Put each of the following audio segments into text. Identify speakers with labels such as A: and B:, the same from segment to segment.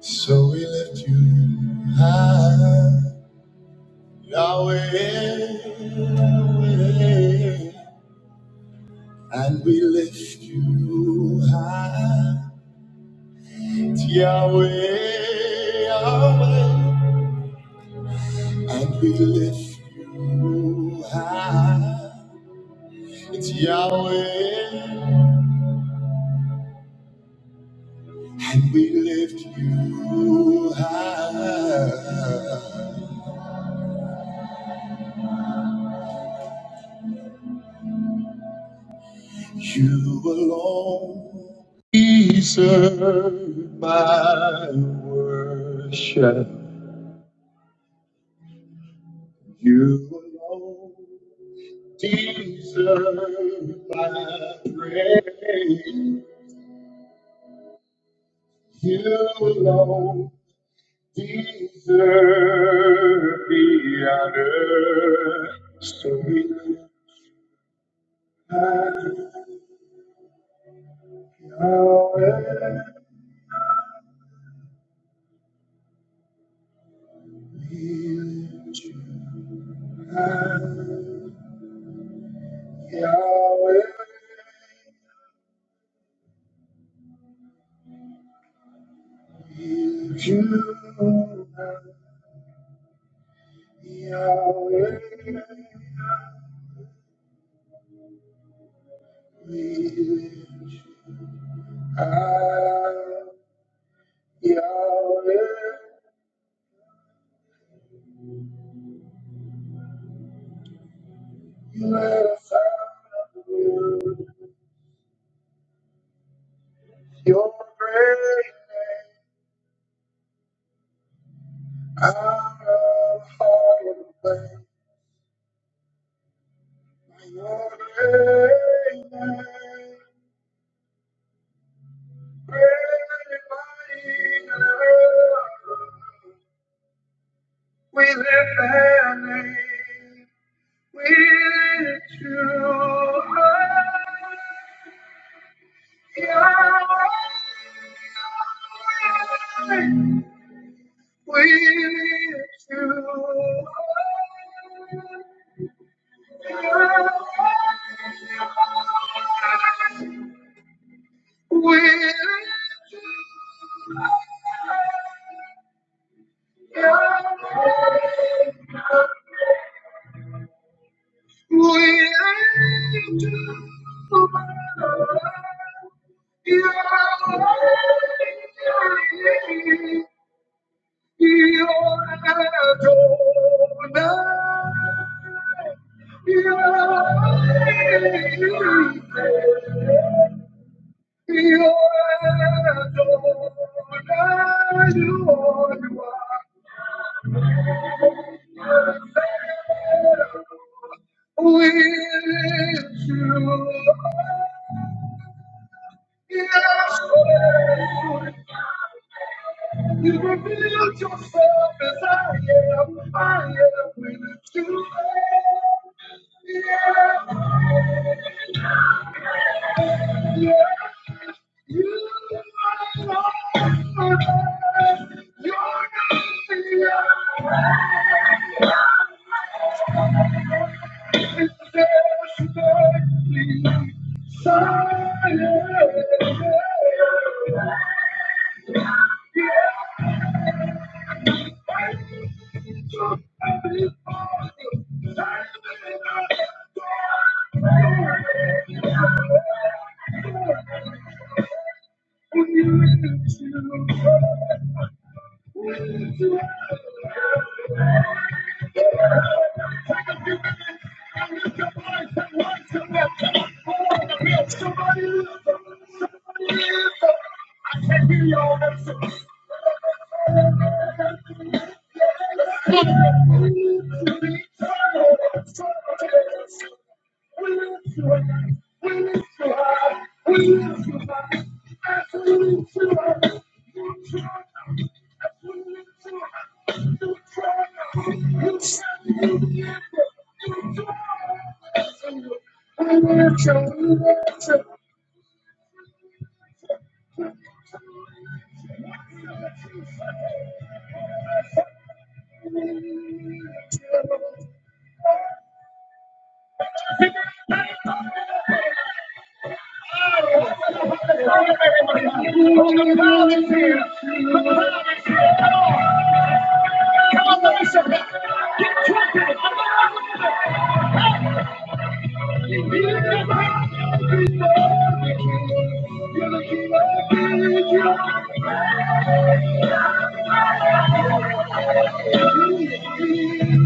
A: So we lift you high, Yahweh, and we lift you high, Yahweh, Yahweh, and we lift you high, it's Yahweh, and we lift you high. You alone deserve my worship. You alone deserve my praise. You alone deserve the honor. So we lift Yahweh, we lift you high, Yahweh. With You Yahweh, we lift Ah, Yahweh, you let us out of you. Your great name, out of hard way. Your great name, great and mighty love. We lift that name. With you, Yahweh. With you, Yahweh. With Yahweh. With you, Yahweh. You reveal yourself as I am. I am with you. Yeah.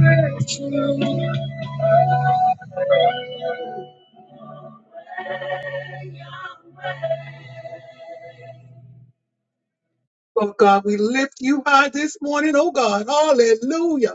A: Thank you. Oh God, we lift you high this morning, oh God. Hallelujah.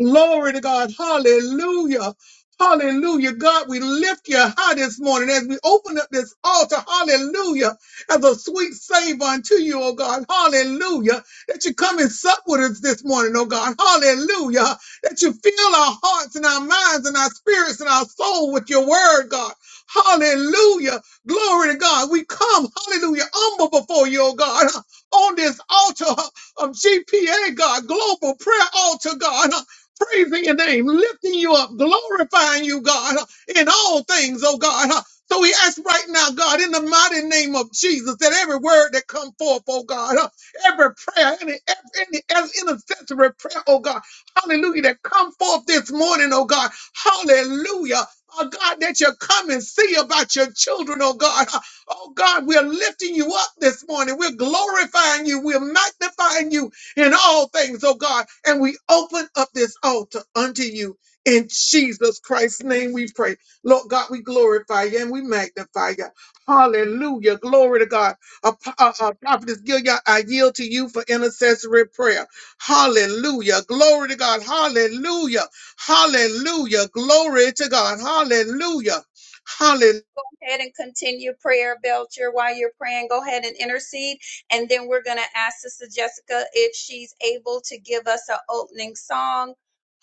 A: Glory to God. Hallelujah. Hallelujah. God, we lift you high this morning as we open up this altar. Hallelujah. As a sweet savor unto you, oh God. Hallelujah. That you come and sup with us this morning, oh God. Hallelujah. That you fill our hearts and our minds and our spirits and our soul with your word, God. Hallelujah. Glory to God. We come, hallelujah, humble before you, oh God, on this altar of GPA, God, global prayer altar, God praising your name, lifting you up, glorifying you, God, in all things, oh God. So we ask right now, God, in the mighty name of Jesus, that every word that come forth, oh God, every prayer, any, every, any intercessory prayer, oh God, hallelujah, that come forth this morning, oh God, hallelujah. Oh God, that you come and see about your children, oh God. Oh God, we're lifting you up this morning. We're glorifying you. We're magnifying you in all things, oh God. And we open up this altar unto you in Jesus Christ's name we pray. Lord God, we glorify you and we magnify you. Hallelujah. Glory to God. Uh, uh, uh, Prophetess Gilead, I yield to you for intercessory prayer. Hallelujah. Glory to God. Hallelujah. Hallelujah. Glory to God. Hallelujah. Hallelujah.
B: ahead and continue prayer, Belcher, while you're praying. Go ahead and intercede. And then we're going to ask Sister Jessica if she's able to give us an opening song.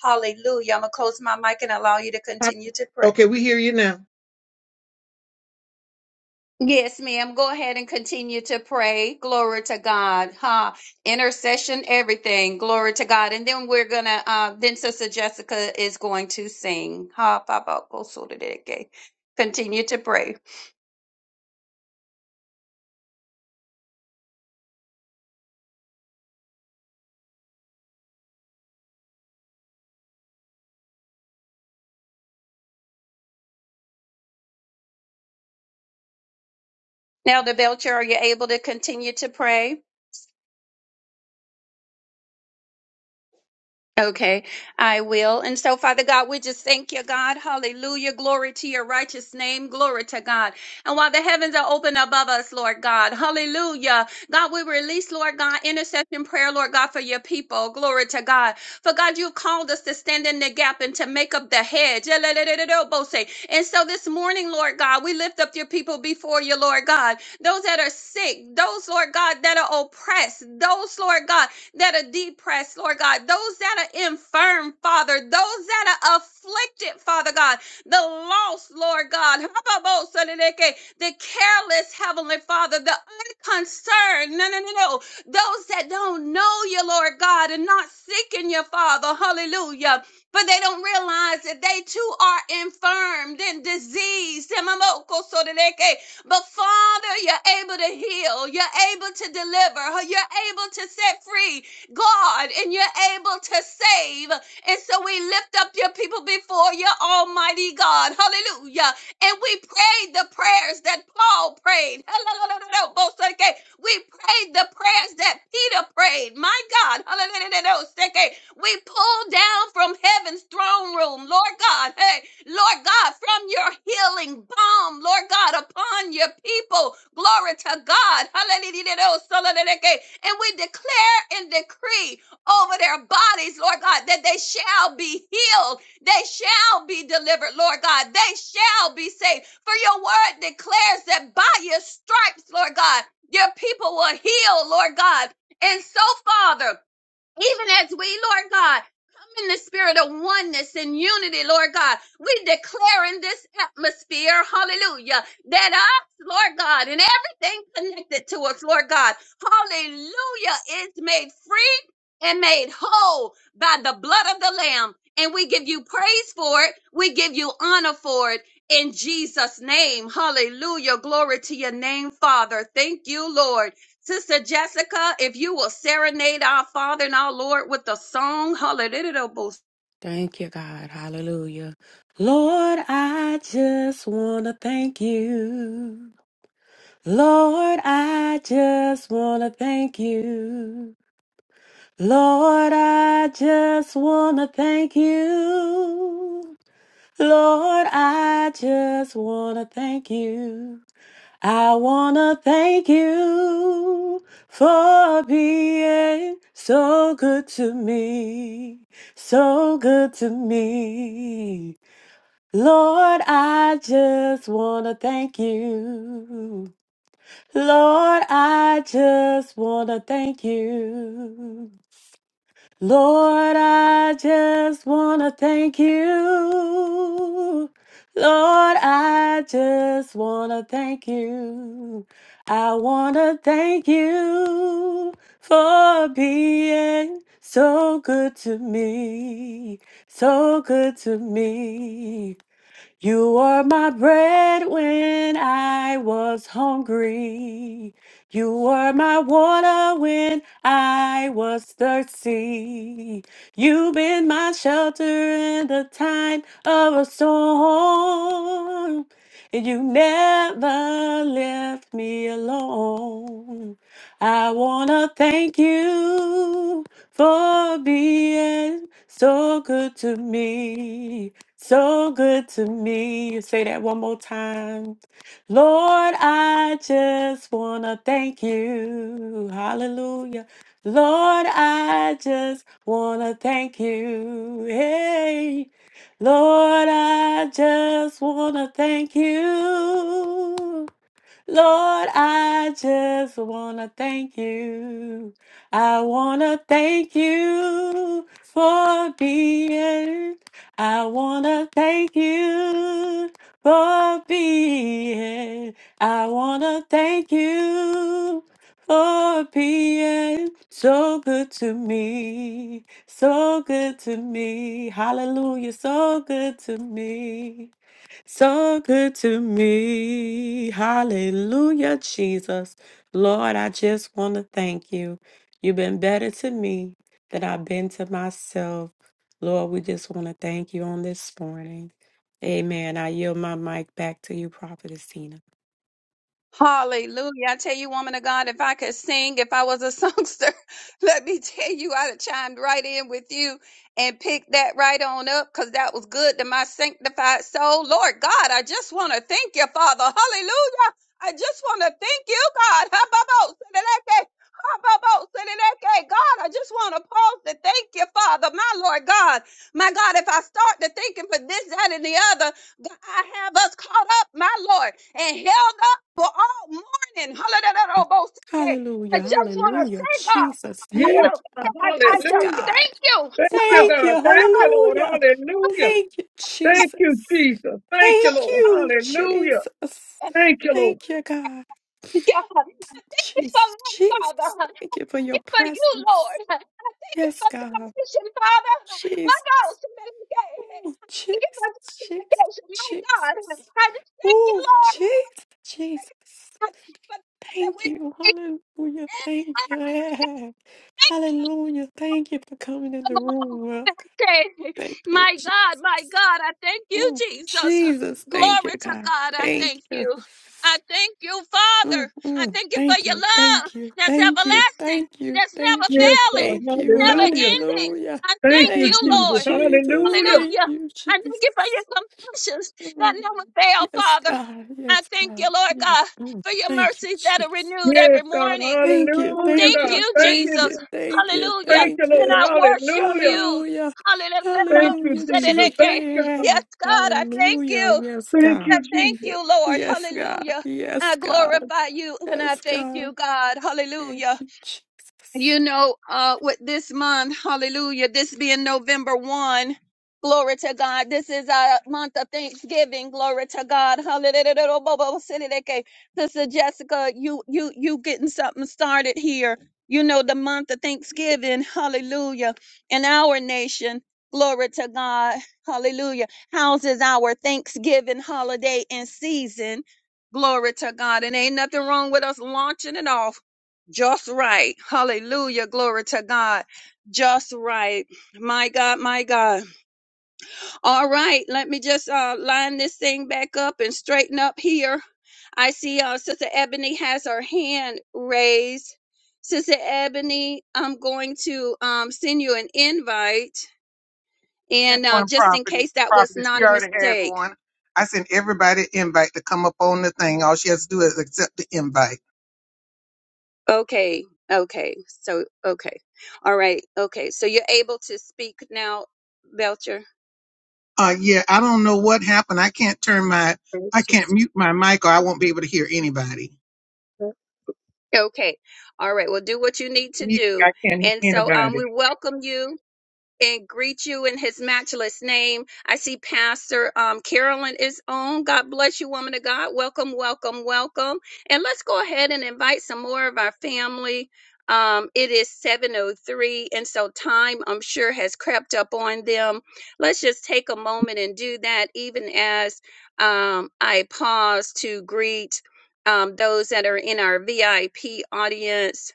B: Hallelujah. I'm going to close my mic and allow you to continue to pray.
A: Okay, we hear you now.
B: Yes, ma'am. Go ahead and continue to pray. Glory to God. Ha. Intercession, everything. Glory to God. And then we're going to, uh, then Sister Jessica is going to sing. Ha, Papa. go so that it- okay. Continue to pray. Now, the Belcher, are you able to continue to pray? Okay, I will. And so, Father God, we just thank you, God. Hallelujah. Glory to your righteous name. Glory to God. And while the heavens are open above us, Lord God, hallelujah. God, we release, Lord God, intercession prayer, Lord God, for your people. Glory to God. For God, you've called us to stand in the gap and to make up the hedge. And so this morning, Lord God, we lift up your people before you, Lord God. Those that are sick, those, Lord God, that are oppressed, those, Lord God, that are depressed, Lord God, those that are infirm, Father, those that are afflicted, Father God, the lost, Lord God, the careless, Heavenly Father, the unconcerned, no, no, no, no, those that don't know you, Lord God, and not seeking you, Father, hallelujah, but they don't realize that they too are infirmed and diseased. But Father, you're able to heal, you're able to deliver, you're able to set free, God, and you're able to save. And so we lift up your people before you, Almighty God. Hallelujah. And we prayed the prayers that Paul prayed. Hallelujah. We prayed the prayers that Peter prayed. My God. Hallelujah. We pull down from heaven's throne room, Lord God. Hey, Lord God, from your healing balm, Lord God, upon your people. Glory to God. Hallelujah. And we declare and decree over their bodies, Lord God, that they shall be healed. They shall be delivered, Lord God. They shall be saved. For your word declares that by your stripes, Lord God, your people were healed, Lord God. And so, Father, even as we, Lord God, come in the spirit of oneness and unity, Lord God, we declare in this atmosphere, hallelujah, that us, Lord God, and everything connected to us, Lord God, hallelujah, is made free and made whole by the blood of the Lamb. And we give you praise for it. We give you honor for it in Jesus' name. Hallelujah. Glory to your name, Father. Thank you, Lord. Sister Jessica, if you will serenade our Father and our Lord with a song, hallelujah,
C: Thank you, God. Hallelujah. Lord, I just want to thank you. Lord, I just want to thank you. Lord, I just want to thank you. Lord, I just want to thank you. I want to thank you for being so good to me, so good to me. Lord, I just want to thank you. Lord, I just want to thank you. Lord, I just want to thank you. Lord, I just want to thank you. I want to thank you for being so good to me, so good to me. You were my bread when I was hungry. You were my water when I was thirsty. You've been my shelter in the time of a storm. And you never left me alone. I want to thank you for being so good to me. So good to me. Say that one more time. Lord, I just want to thank you. Hallelujah. Lord, I just want to thank you. Hey. Lord, I just want to thank you. Lord, I just wanna thank you. I wanna thank you for being. I wanna thank you for being. I wanna thank you for being so good to me. So good to me. Hallelujah. So good to me. So good to me. Hallelujah, Jesus. Lord, I just want to thank you. You've been better to me than I've been to myself. Lord, we just want to thank you on this morning. Amen. I yield my mic back to you, Prophetess Tina.
B: Hallelujah. I tell you, woman of God, if I could sing, if I was a songster, let me tell you, I'd have chimed right in with you and picked that right on up because that was good to my sanctified soul. Lord God, I just want to thank you, Father. Hallelujah. I just want to thank you, God. Ha-ba-bo-sa-da-da-da. Ha-ba-bo-sa-da-da-da. God, I just want to pause to thank you, Father, my Lord God. My God, if I start to thinking for this, that, and the other, God, I have us caught up, my Lord, and held up for all morning. Hallelujah. I
C: Hallelujah.
B: just want to
C: Hallelujah.
B: say, God,
C: Jesus.
A: Yes,
B: oh,
C: Thank
A: God.
C: you.
B: I, I
C: Yes,
B: just
A: hallelujah.
B: thank
C: God.
B: you. And
A: Thank you,
B: God,
C: Thank
A: God.
C: you.
A: Thank you, Lord.
C: Hallelujah.
A: Hallelujah.
C: Thank you,
A: Thank you,
C: Jesus.
A: Jesus. Thank you,
C: Thank
A: Lord.
C: you,
A: Hallelujah.
C: Jesus. Thank you, God.
B: I thank you for
C: Jesus.
B: life, Father.
C: Jesus.
B: I
C: Thank you for
B: thank
C: your
B: you for you,
C: presence.
B: Lord. I thank you
C: Yes,
B: for
C: God.
B: salvation, Father. My
C: Jesus.
B: God, thank you
C: Ooh,
B: for
C: Jesus. Jesus.
B: justification, my God.
C: Jesus.
B: I just thank you,
C: Ooh,
B: Lord,
C: Jesus. Jesus.
B: Thank you for that
C: Thank you. Hallelujah. Thank you. Yeah. Hallelujah. Thank you for coming in the
B: we
C: room. Lord. God.
B: Okay,
C: Thank you,
B: My
C: Jesus.
B: God, my God, I thank you,
C: Mm.
B: Jesus.
C: Jesus, thank you,
B: Glory to
C: God.
B: God, I
C: Thank
B: thank
C: you.
B: you. I thank you, Father.
C: Mm,
B: I
C: mm.
B: thank you for
C: Thank
B: your
C: you.
B: love
C: Thank you.
B: that's
C: Thank you.
B: everlasting,
C: Thank you.
B: that's never
C: Thank you.
B: failing,
C: Thank you.
B: never ending.
C: Hallelujah.
B: I thank you,
C: Thank you,
B: Lord.
C: Jesus. Thank
B: Hallelujah.
C: you,
B: I thank you for your
C: Jesus.
B: compassions that
C: Mm.
B: never fail,
C: Yes,
B: Father.
C: God.
B: I
C: Yes,
B: thank
C: God.
B: you, Lord
C: Mm,
B: God,
C: mm.
B: for your
C: Thank you,
B: mercies that are
C: Jesus.
B: renewed every morning.
C: Thank you,
B: Thank
C: thank you,
B: you,
C: thank
B: Jesus.
C: you, thank you,
B: Hallelujah.
C: thank
B: And
C: you.
B: I worship you.
C: Hallelujah,
A: Thank you,
C: hallelujah,
B: Hallelujah.
A: Jesus. Thank you, Lord.
B: Yes,
C: Jesus.
B: God, I thank
C: Hallelujah,
B: you.
C: yes,
A: Thank
B: I
C: God.
A: you,
B: thank
A: Jesus.
B: you, Lord.
C: Yes, God,
B: Hallelujah. I
C: yes, God,
B: glorify you and I
C: yes,
B: thank
C: God.
B: you, God. Hallelujah.
C: Thank you, Jesus.
B: You know, uh, with this month, hallelujah, this being November 1, glory to God. This is our month of Thanksgiving, glory to God. Hallelujah. Sister Jessica, you, you, you getting something started here. You know, the month of Thanksgiving, hallelujah, in our nation, glory to God, hallelujah, houses our Thanksgiving holiday and season, glory to God. And ain't nothing wrong with us launching it off. Just right. Hallelujah. Glory to God. Just right. My God, my God. All right. Let me just uh, line this thing back up and straighten up here. I see uh, Sister Ebony has her hand raised. Sister Ebony, I'm going to um, send you an invite.
A: That's
B: And uh,
A: one
B: just in
A: property.
B: case that was
A: Property. She
B: not a
A: already has
B: mistake.
A: one. I sent everybody an invite to come up on the thing. All she has to do is accept the invite.
B: Okay. Okay. So, okay. All right. Okay. So you're able to speak now, Belcher.
A: Uh, yeah, I don't know what happened. I can't turn my,
B: Thank
A: I can't
B: you.
A: mute my mic or I won't be able to hear anybody.
B: Okay. All right. Well, do what you need to
A: You-
B: do.
A: I can't
B: And
A: hear
B: so um, we
A: anybody.
B: welcome you and greet you in his matchless name. I see Pastor um, Carolyn is on. God bless you, woman of God. Welcome, welcome, welcome. And let's go ahead and invite some more of our family. Um, it is 7.03, and so time, I'm sure, has crept up on them. Let's just take a moment and do that, even as um, I pause to greet um, those that are in our VIP audience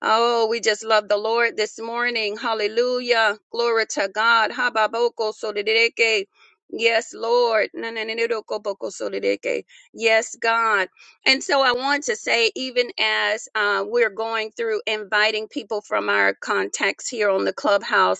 B: Oh, we just love the Lord this morning. Hallelujah. Glory to God. Hababoko solideke. Yes, Lord. Nananidokoboko solideke. Yes, God. And so I want to say, even as uh, we're going through inviting people from our contacts here on the clubhouse,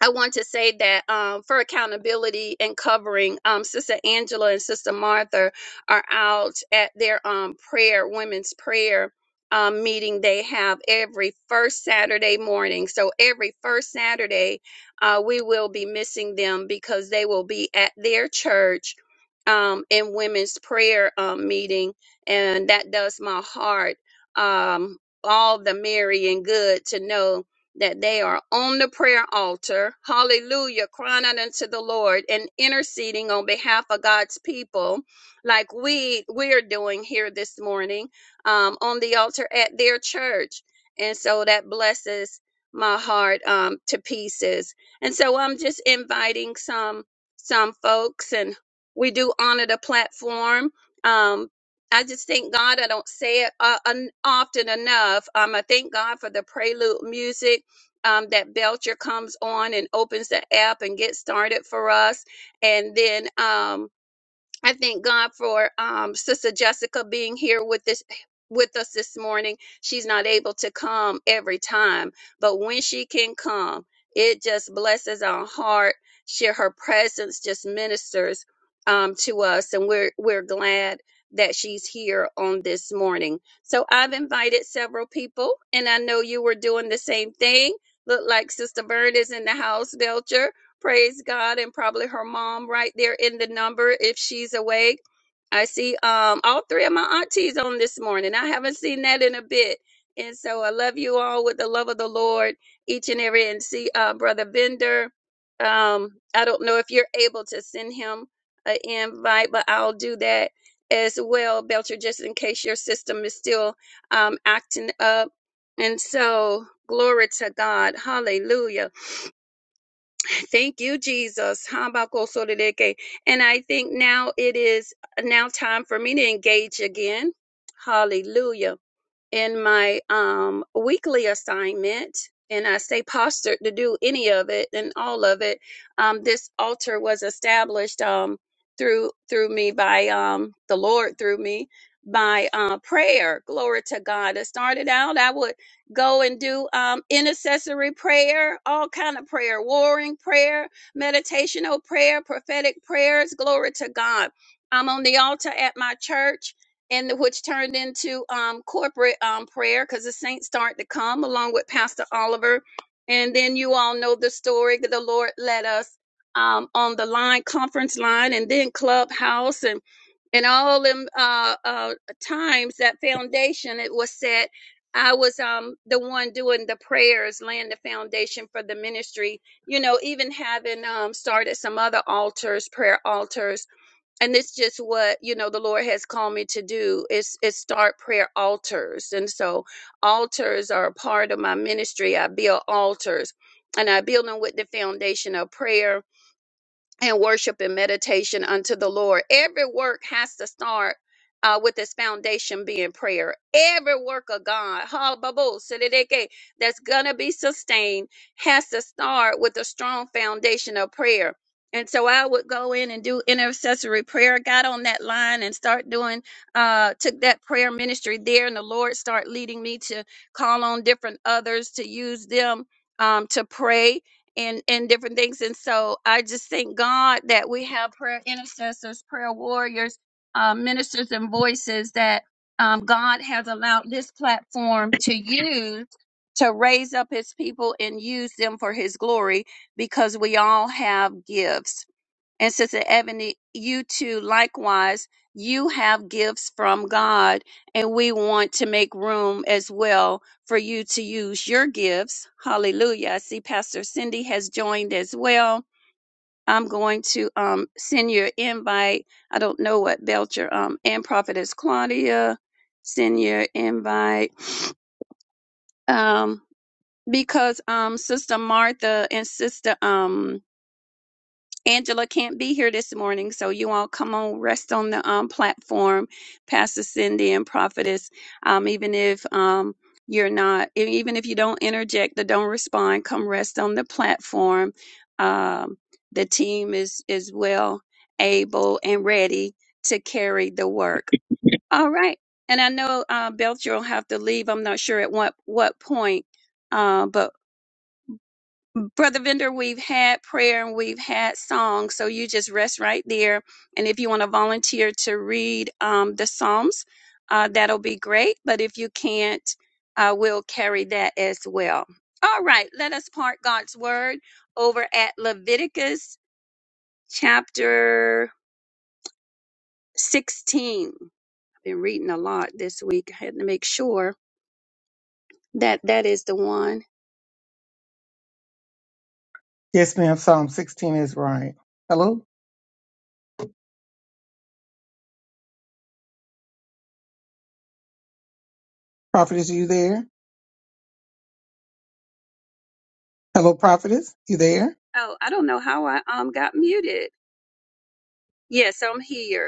B: I want to say that um, for accountability and covering, um, Sister Angela and Sister Martha are out at their um, prayer, women's prayer um, meeting they have every first Saturday morning. So every first Saturday, uh, we will be missing them because they will be at their church um, in women's prayer um, meeting. And that does my heart um, all the merry and good to know that they are on the prayer altar, hallelujah, crying out unto the Lord and interceding on behalf of God's people, like we we are doing here this morning um, on the altar at their church, and so that blesses my heart um, to pieces. And so I'm just inviting some some folks, and we do honor the platform. Um, I just thank God. I don't say it uh, un- often enough. Um, I thank God for the prelude music um, that Belcher comes on and opens the app and gets started for us. And then, um, I thank God for um, Sister Jessica being here with this with us this morning. She's not able to come every time, but when she can come, it just blesses our heart. She, her presence just ministers um, to us, and we're we're glad that she's here on this morning. So I've invited several people, and I know you were doing the same thing. Look like Sister Bird is in the house, Belcher. Praise God, and probably her mom right there in the number if she's awake. I see um all three of my aunties on this morning. I haven't seen that in a bit. And so I love you all with the love of the Lord, each and every and see uh brother Bender. Um, I don't know if you're able to send him an invite, but I'll do that as well, Belcher, just in case your system is still um acting up. And so glory to God. Hallelujah. Thank you, Jesus. habakkuk And I think now it is now time for me to engage again. Hallelujah in my um, weekly assignment, and I stay postured to do any of it and all of it. Um, this altar was established um, through through me by um, the Lord through me by uh, prayer. Glory to God. It started out I would go and do um, intercessory prayer, all kind of prayer, warring prayer, meditational prayer, prophetic prayers. Glory to God. I'm on the altar at my church and which turned into um, corporate um, prayer because the saints started to come along with Pastor Oliver. And then you all know the story that the Lord led us um, on the line, conference line, and then clubhouse and and all them uh, uh, times that foundation it was set. I was um the one doing the prayers, laying the foundation for the ministry. You know, even having um started some other altars, prayer altars and it's just what you know the lord has called me to do is is start prayer altars and so altars are a part of my ministry i build altars and i build them with the foundation of prayer and worship and meditation unto the Lord. Every work has to start uh, with its foundation being prayer. Every work of God, ha, ba, bo, si, di, di, ki, that's going to be sustained, has to start with a strong foundation of prayer. And so I would go in and do intercessory prayer, got on that line and start doing, uh, took that prayer ministry there, and the Lord start leading me to call on different others to use them um, to pray and and different things and so i just thank god that we have prayer intercessors prayer warriors uh, ministers and voices that um, god has allowed this platform to use to raise up his people and use them for his glory because we all have gifts and Sister Ebony, you too, likewise, you have gifts from God, and we want to make room as well for you to use your gifts. Hallelujah. I see Pastor Cindy has joined as well. I'm going to um, send your invite. I don't know what Belcher um, and Prophetess Claudia send your invite um, because um, Sister Martha and Sister um, Angela can't be here this morning, so you all come on, rest on the um, platform, Pastor Cindy and Prophetess. Um, even if um, you're not, e- even if you don't interject or don't respond, come rest on the platform. Um, the team is is well able and ready to carry the work. All right, and I know uh, Belcher will have to leave. I'm not sure at what what point, uh, but Brother Vendor, we've had prayer and we've had song, so you just rest right there. And if you want to volunteer to read um, the Psalms, uh, that'll be great. But if you can't, uh, we'll carry that as well. All right, let us part God's word over at Leviticus chapter 16. I've been reading a lot this week. I had to make sure that that is the one.
A: Yes, ma'am. Psalm 16 is right. Hello, prophetess, you there? Hello, prophetess, you there?
B: Oh, I don't know how I um got muted. Yes, I'm here.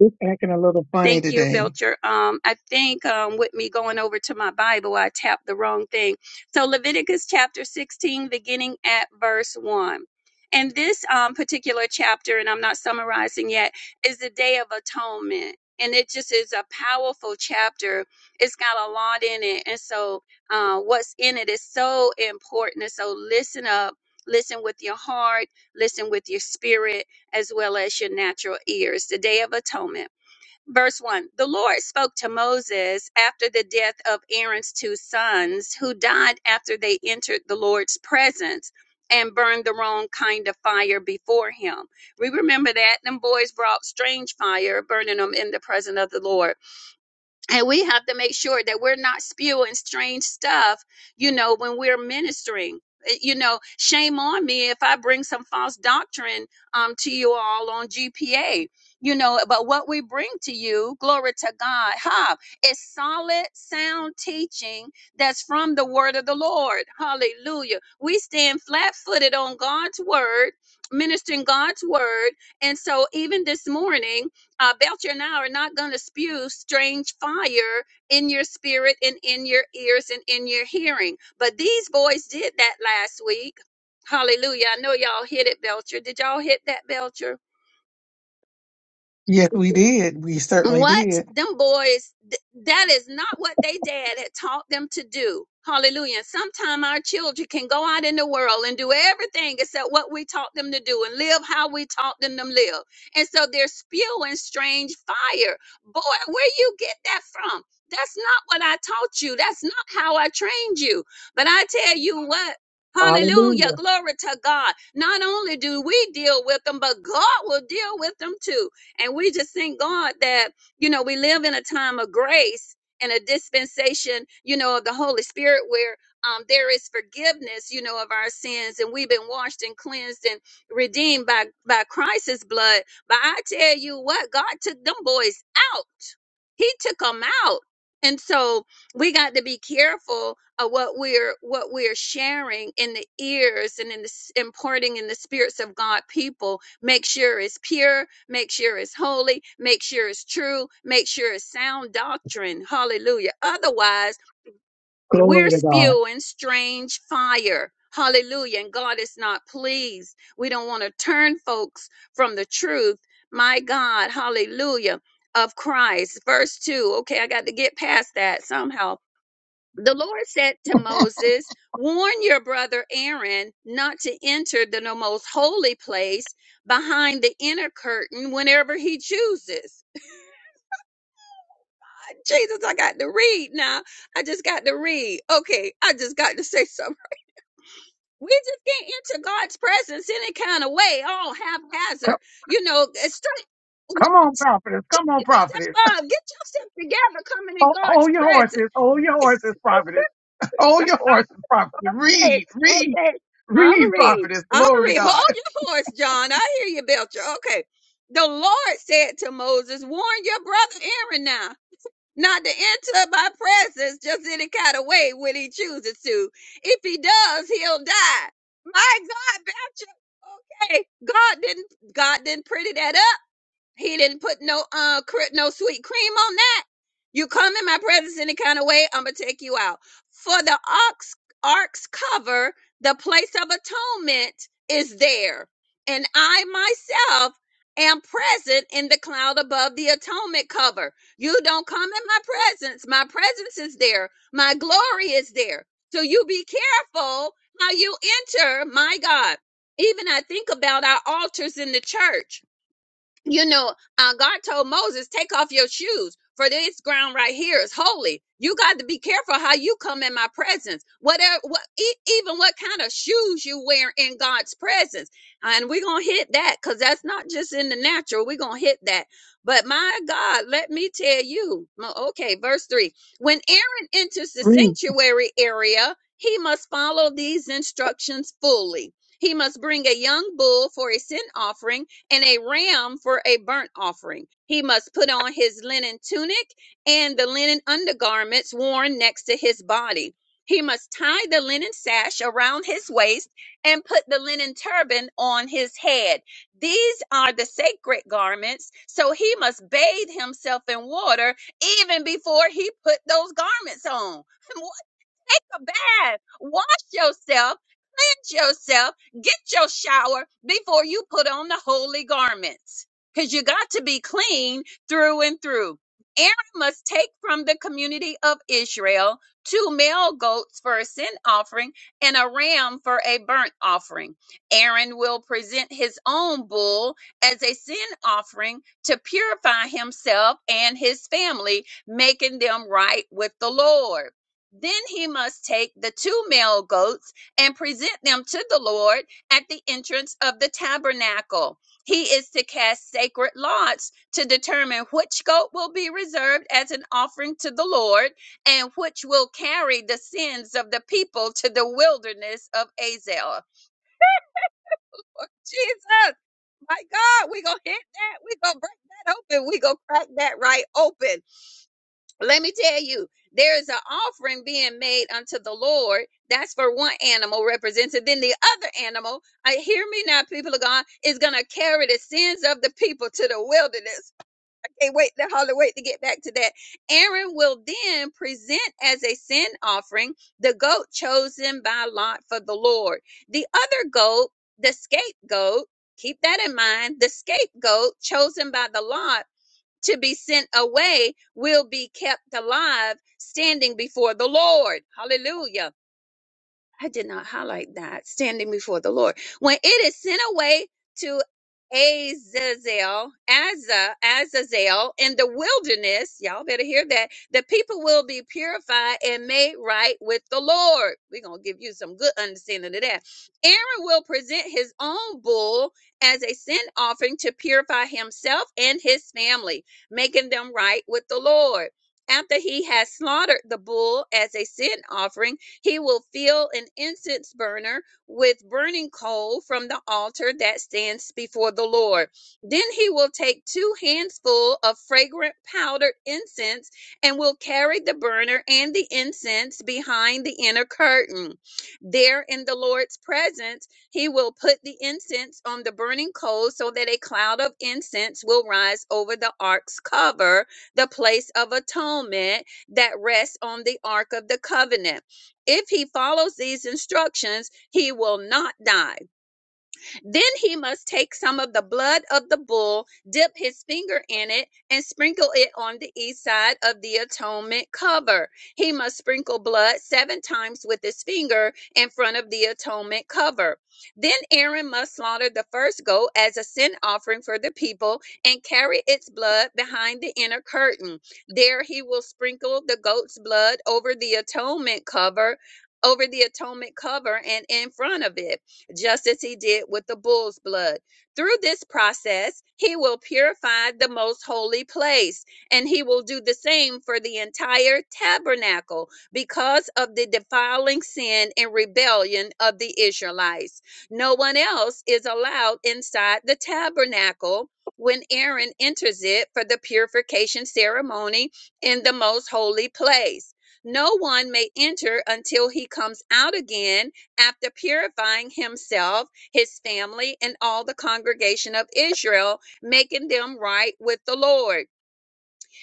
A: It's acting a little funny
B: Thank you,
A: today.
B: Belcher. Um, I think um, with me going over to my Bible, I tapped the wrong thing. So, Leviticus chapter 16, beginning at verse 1. And this um, particular chapter, and I'm not summarizing yet, is the Day of Atonement. And it just is a powerful chapter. It's got a lot in it. And so, uh, what's in it is so important. And so, listen up, listen with your heart, listen with your spirit, as well as your natural ears. The Day of Atonement. Verse 1 The Lord spoke to Moses after the death of Aaron's two sons, who died after they entered the Lord's presence and burned the wrong kind of fire before him. We remember that them boys brought strange fire, burning them in the presence of the Lord and we have to make sure that we're not spewing strange stuff, you know, when we're ministering. Uh, You know, shame on me if I bring some false doctrine um, to you all on GPA. You know, but what we bring to you, glory to God, huh? It's solid, sound teaching that's from the word of the Lord. Hallelujah. We stand flat footed on God's word, ministering God's word. And so even this morning, uh, Belcher and I are not going to spew strange fire in your spirit and in your ears and in your hearing. But these boys did that last week. Hallelujah. I know y'all hit it, Belcher. Did y'all hit that, Belcher?
A: Yes, we did. We certainly
B: what
A: did.
B: them boys th- that is not what they dad had taught them to do hallelujah sometime our children can go out in the world and do everything except what we taught them to do and live how we taught them to live and so they're spewing strange fire boy where you get that from that's not what i taught you that's not how i trained you but i tell you what Hallelujah. Glory to God. Not only do we deal with them, but God will deal with them too. And we just thank God that you know, we live in a time of grace and a dispensation, you know, of the Holy Spirit where um, there is forgiveness, you know, of our sins, and we've been washed and cleansed and redeemed by by Christ's blood. But I tell you what, God took them boys out. He took them out, and so we got to be careful of what we're what we're sharing in the ears and in the s- imparting in the spirits of God people Make sure it's pure. Make sure it's holy. Make sure it's true. Make sure it's sound doctrine. Hallelujah. Otherwise,
A: Glory
B: we're
A: to God.
B: spewing strange fire. Hallelujah. And God is not pleased. We don't want to turn folks from the truth. My God. Hallelujah. Of Christ. Verse 2. Okay, I got to get past that somehow the Lord said to Moses, Warn your brother Aaron not to enter the no- most holy place behind the inner curtain whenever he chooses. Jesus, I got to read now. I just got to read. Okay, I just got to say something. We just can't enter God's presence any kind of way, all haphazard. You know, it's straight.
A: Prophet,
B: Get yourself up. Get yourself together coming in
A: Oh,
B: God's presence.
A: this prophet. oh
B: Okay, okay. Omri, Omri, hold your horse, John. I hear you, Belcher. Okay. The Lord said to Moses, Warn your brother Aaron now, not to enter my presence just any kind of way when he chooses to. If he does, he'll die. My God, Belcher. Okay. God didn't God didn't pretty that up. He didn't put no uh cre- no sweet cream on that. You come in my presence any kind of way, I'm gonna take you out. For the ox ark's cover, the place of atonement is there, and I myself am present in the cloud above the atonement cover. You don't come in my presence. My presence is there. My glory is there. So you be careful how you enter. My God, even I think about our altars in the church you know, uh, God told Moses, take off your shoes, for this ground right here is holy. You got to be careful how you come in my presence. Whatever, what, e- even what kind of shoes you wear in God's presence. And we're going to hit that because that's not just in the natural. We're going to hit that. But my God, let me tell you. m- Okay, verse three. When Aaron enters the sanctuary area, he must follow these instructions fully. He must bring a young bull for a sin offering and a ram for a burnt offering. He must put on his linen tunic and the linen undergarments worn next to his body. He must tie the linen sash around his waist and put the linen turban on his head. These are the sacred garments, so he must bathe himself in water even before he put those garments on. take a bath, wash yourself, cleanse yourself, get your shower before you put on the holy garments. Because you got to be clean through and through. Aaron must take from the community of Israel two male goats for a sin offering and a ram for a burnt offering. Aaron will present his own bull as a sin offering to purify himself and his family, making them right with the Lord. Then he must take the two male goats and present them to the Lord at the entrance of the tabernacle. He is to cast sacred lots to determine which goat will be reserved as an offering to the Lord and which will carry the sins of the people to the wilderness of Azel. Oh, Jesus, my God, we're going to hit that. We're going to break that open. We're going to crack that right open let me tell you, there is an offering being made unto the Lord. That's for one animal represented. Then the other animal, I hear me now, people of God, is gonna carry the sins of the people to the wilderness. I wait to holler, wait to get back to that. Aaron will then present as a sin offering the goat chosen by lot for the Lord. The other goat, the scapegoat, keep that in mind, the scapegoat chosen by the lot to be sent away will be kept alive standing before the Lord. Hallelujah. I did not highlight that standing before the Lord. When it is sent away to Azazel, Azza, Azazel in the wilderness, y'all better hear that. The people will be purified and made right with the Lord. We're gonna give you some good understanding of that. Aaron will present his own bull as a sin offering to purify himself and his family, making them right with the Lord after he has slaughtered the bull as a sin offering. He will fill an incense burner with burning coal from the altar that stands before the Lord. Then he will take two handsful of fragrant powdered incense and will carry the burner and the incense behind the inner curtain. There in the Lord's presence, he will put the incense on the burning coal so that a cloud of incense will rise over the ark's cover, the place of atonement that rests on the ark of the covenant. If he follows these instructions, he will not die. Then he must take some of the blood of the bull, dip his finger in it, and sprinkle it on the east side of the atonement cover. He must sprinkle blood seven times with his finger in front of the atonement cover. Then Aaron must slaughter the first goat as a sin offering for the people and carry its blood behind the inner curtain. There he will sprinkle the goat's blood over the atonement cover. Over the atonement cover and in front of it just as he did with the bull's blood. Through this process, he will purify the most holy place, and he will do the same for the entire tabernacle because of the defiling sin and rebellion of the Israelites. No one else is allowed inside the tabernacle when Aaron enters it for the purification ceremony in the most holy place. No one may enter until he comes out again after purifying himself, his family, and all the congregation of Israel, making them right with the Lord.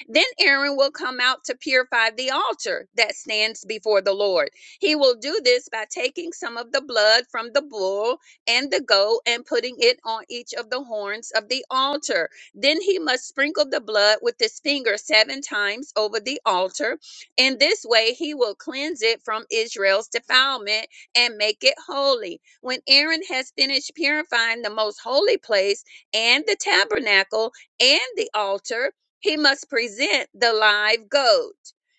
B: Then Aaron will come out to purify the altar that stands before the Lord. He will do this by taking some of the blood from the bull and the goat and putting it on each of the horns of the altar. Then he must sprinkle the blood with his finger seven times over the altar. In this way, he will cleanse it from Israel's defilement and make it holy. When Aaron has finished purifying the most holy place and the tabernacle and the altar, he must present the live goat.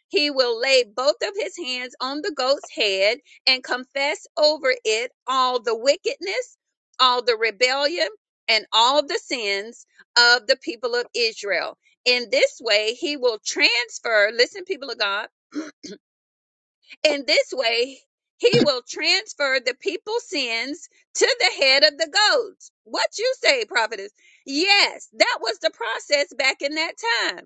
B: He will lay both of his hands on the goat's head and confess over it all the wickedness, all the rebellion, and all the sins of the people of Israel. In this way, he will transfer, listen, people of God, in this way, he will transfer the people's sins to the head of the goat. What you say, prophetess? Yes, that was the process back in that time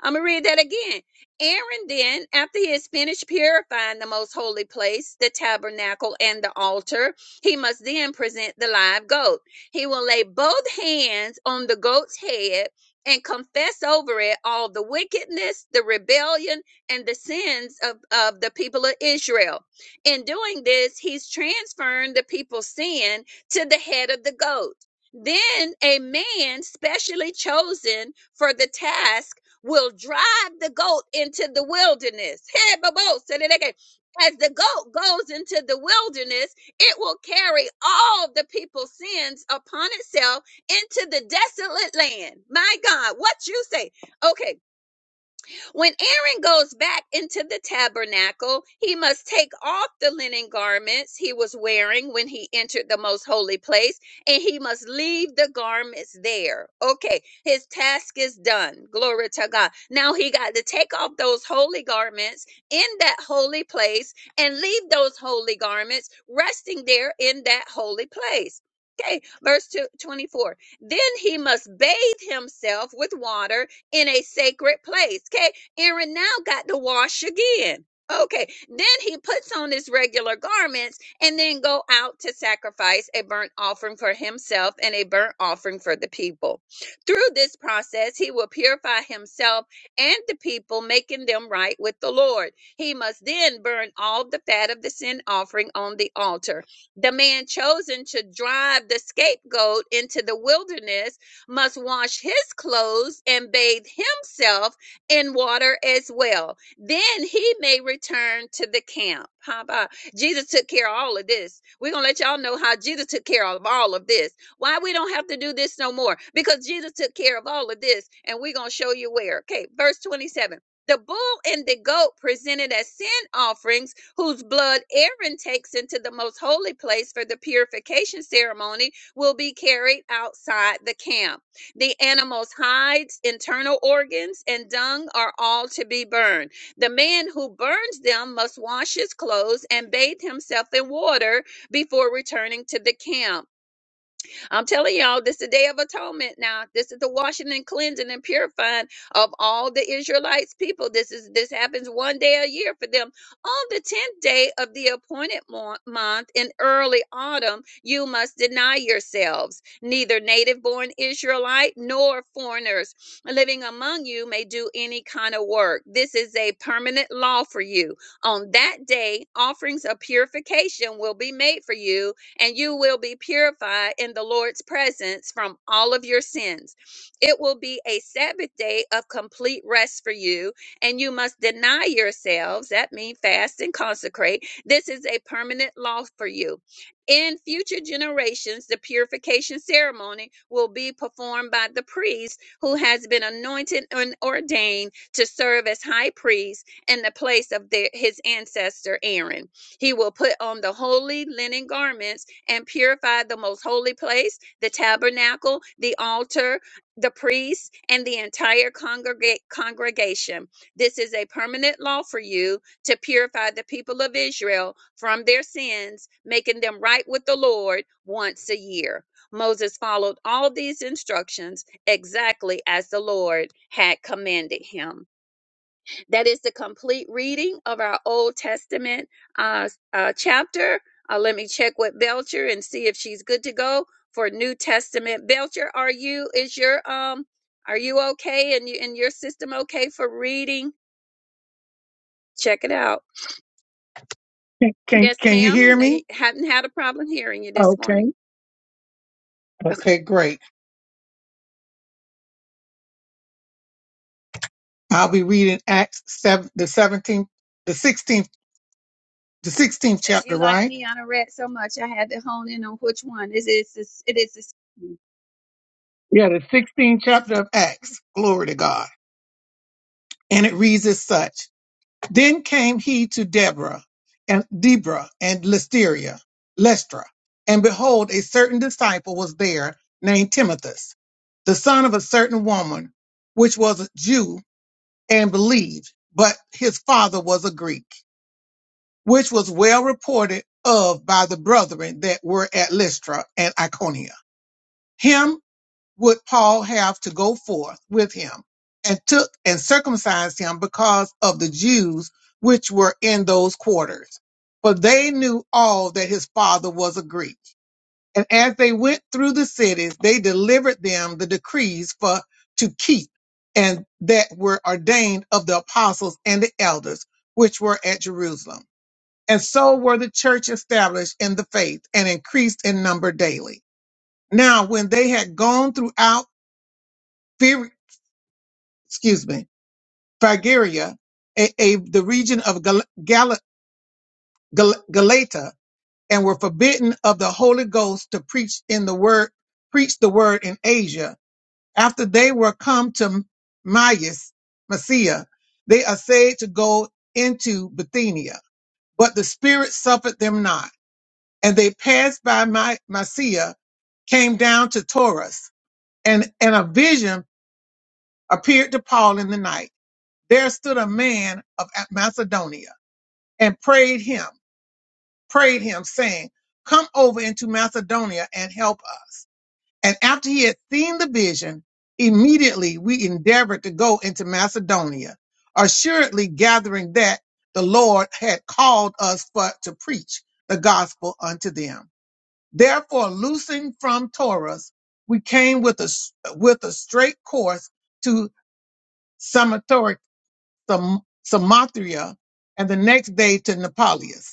B: I'm going to read that again. Aaron then, after he has finished purifying the most holy place, the tabernacle, and the altar, he must then present the live goat. He will lay both hands on the goat's head and confess over it all the wickedness, the rebellion, and the sins of, of the people of Israel. In doing this, he's transferring the people's sin to the head of the goat. Then a man specially chosen for the task will drive the goat into the wilderness. Hey, Babo, said it again. As the goat goes into the wilderness, it will carry all the people's sins upon itself into the desolate land. My God, what you say? Okay, when Aaron goes back into the tabernacle, he must take off the linen garments he was wearing when he entered the most holy place, and he must leave the garments there. Okay, his task is done. Glory to God. Now he got to take off those holy garments in that holy place and leave those holy garments resting there in that holy place. Okay, verse two twenty-four. Then he must bathe himself with water in a sacred place. Okay, Aaron now got to wash again. Okay, then he puts on his regular garments and then go out to sacrifice a burnt offering for himself and a burnt offering for the people. Through this process, he will purify himself and the people, making them right with the Lord. He must then burn all the fat of the sin offering on the altar. The man chosen to drive the scapegoat into the wilderness must wash his clothes and bathe himself in water as well. Then he may return to the camp. How about Jesus took care of all of this? We're gonna let y'all know how Jesus took care of all of this. Why we don't have to do this no more? Because Jesus took care of all of this, and we're gonna show you where. Okay, verse 27. The bull and the goat presented as sin offerings, whose blood Aaron takes into the most holy place for the purification ceremony, will be carried outside the camp. The animal's hides, internal organs, and dung are all to be burned. The man who burns them must wash his clothes and bathe himself in water before returning to the camp. I'm telling y'all, this is the day of atonement now. This is the washing and cleansing and purifying of all the Israelites people. This is this happens one day a year for them. On the tenth day of the appointed mo- month in early autumn, you must deny yourselves. Neither native born Israelite nor foreigners living among you may do any kind of work. This is a permanent law for you. On that day, offerings of purification will be made for you and you will be purified in the Lord's presence from all of your sins. It will be a Sabbath day of complete rest for you, and you must deny yourselves. That means fast and consecrate. This is a permanent law for you. In future generations, the purification ceremony will be performed by the priest who has been anointed and ordained to serve as high priest in the place of their, his ancestor Aaron. He will put on the holy linen garments and purified the most holy place, the tabernacle, the altar, the priests, and the entire congrega- congregation. This is a permanent law for you to purify the people of Israel from their sins, making them right with the Lord once a year. Moses followed all these instructions exactly as the Lord had commanded him. That is the complete reading of our Old Testament uh, uh, chapter. Uh, let me check with Belcher and see if she's good to go for New Testament. Belcher, are you? Is your um? Are you okay? And you and your system okay for reading? Check it out.
A: can, can
B: Yes,
A: can you
B: ma'am.
A: hear
B: No, you
A: me?
B: haven't had a problem hearing you this
A: Okay.
B: morning. Okay.
A: Okay, great. I'll be reading Acts seven the seventeenth, the sixteenth, the sixteenth
B: Yes, you
A: chapter,
B: like
A: right?
B: me. I done read so much. I had to hone in on which one. Is it? It is.
A: Yeah, the sixteenth chapter of Acts. Glory to God. And it reads as such. Then came he to Deborah and Deborah and Listeria, Lestra, and behold, a certain disciple was there named Timothus, the son of a certain woman, which was a Jew and believed, but his father was a Greek, which was well reported of by the brethren that were at Lystra and Iconium. Him would Paul have to go forth with him and took and circumcised him because of the Jews which were in those quarters? For they knew all that his father was a Greek. And as they went through the cities, they delivered them the decrees for to keep and that were ordained of the apostles and the elders which were at Jerusalem. And so were the church established in the faith and increased in number daily. Now, when they had gone throughout excuse me, Phrygia, a, a, the region of Gal, Gal, Gal, Galata, and were forbidden of the Holy Ghost to preach in the word, preach the word in Asia. After they were come to Myus, Messiah, they essayed to go into Bithynia, but the Spirit suffered them not. And they passed by My, Mysia, came down to Taurus, and, and a vision appeared to Paul in the night. There stood a man of Macedonia and prayed him, prayed him, saying, Come over into Macedonia and help us. And after he had seen the vision, immediately we endeavored to go into Macedonia, assuredly gathering that the Lord had called us for, to preach the gospel unto them. Therefore, loosing from Taurus, we came with a, s- with a straight course to Samathor- Sam- Samathria, and the next day to Nepalis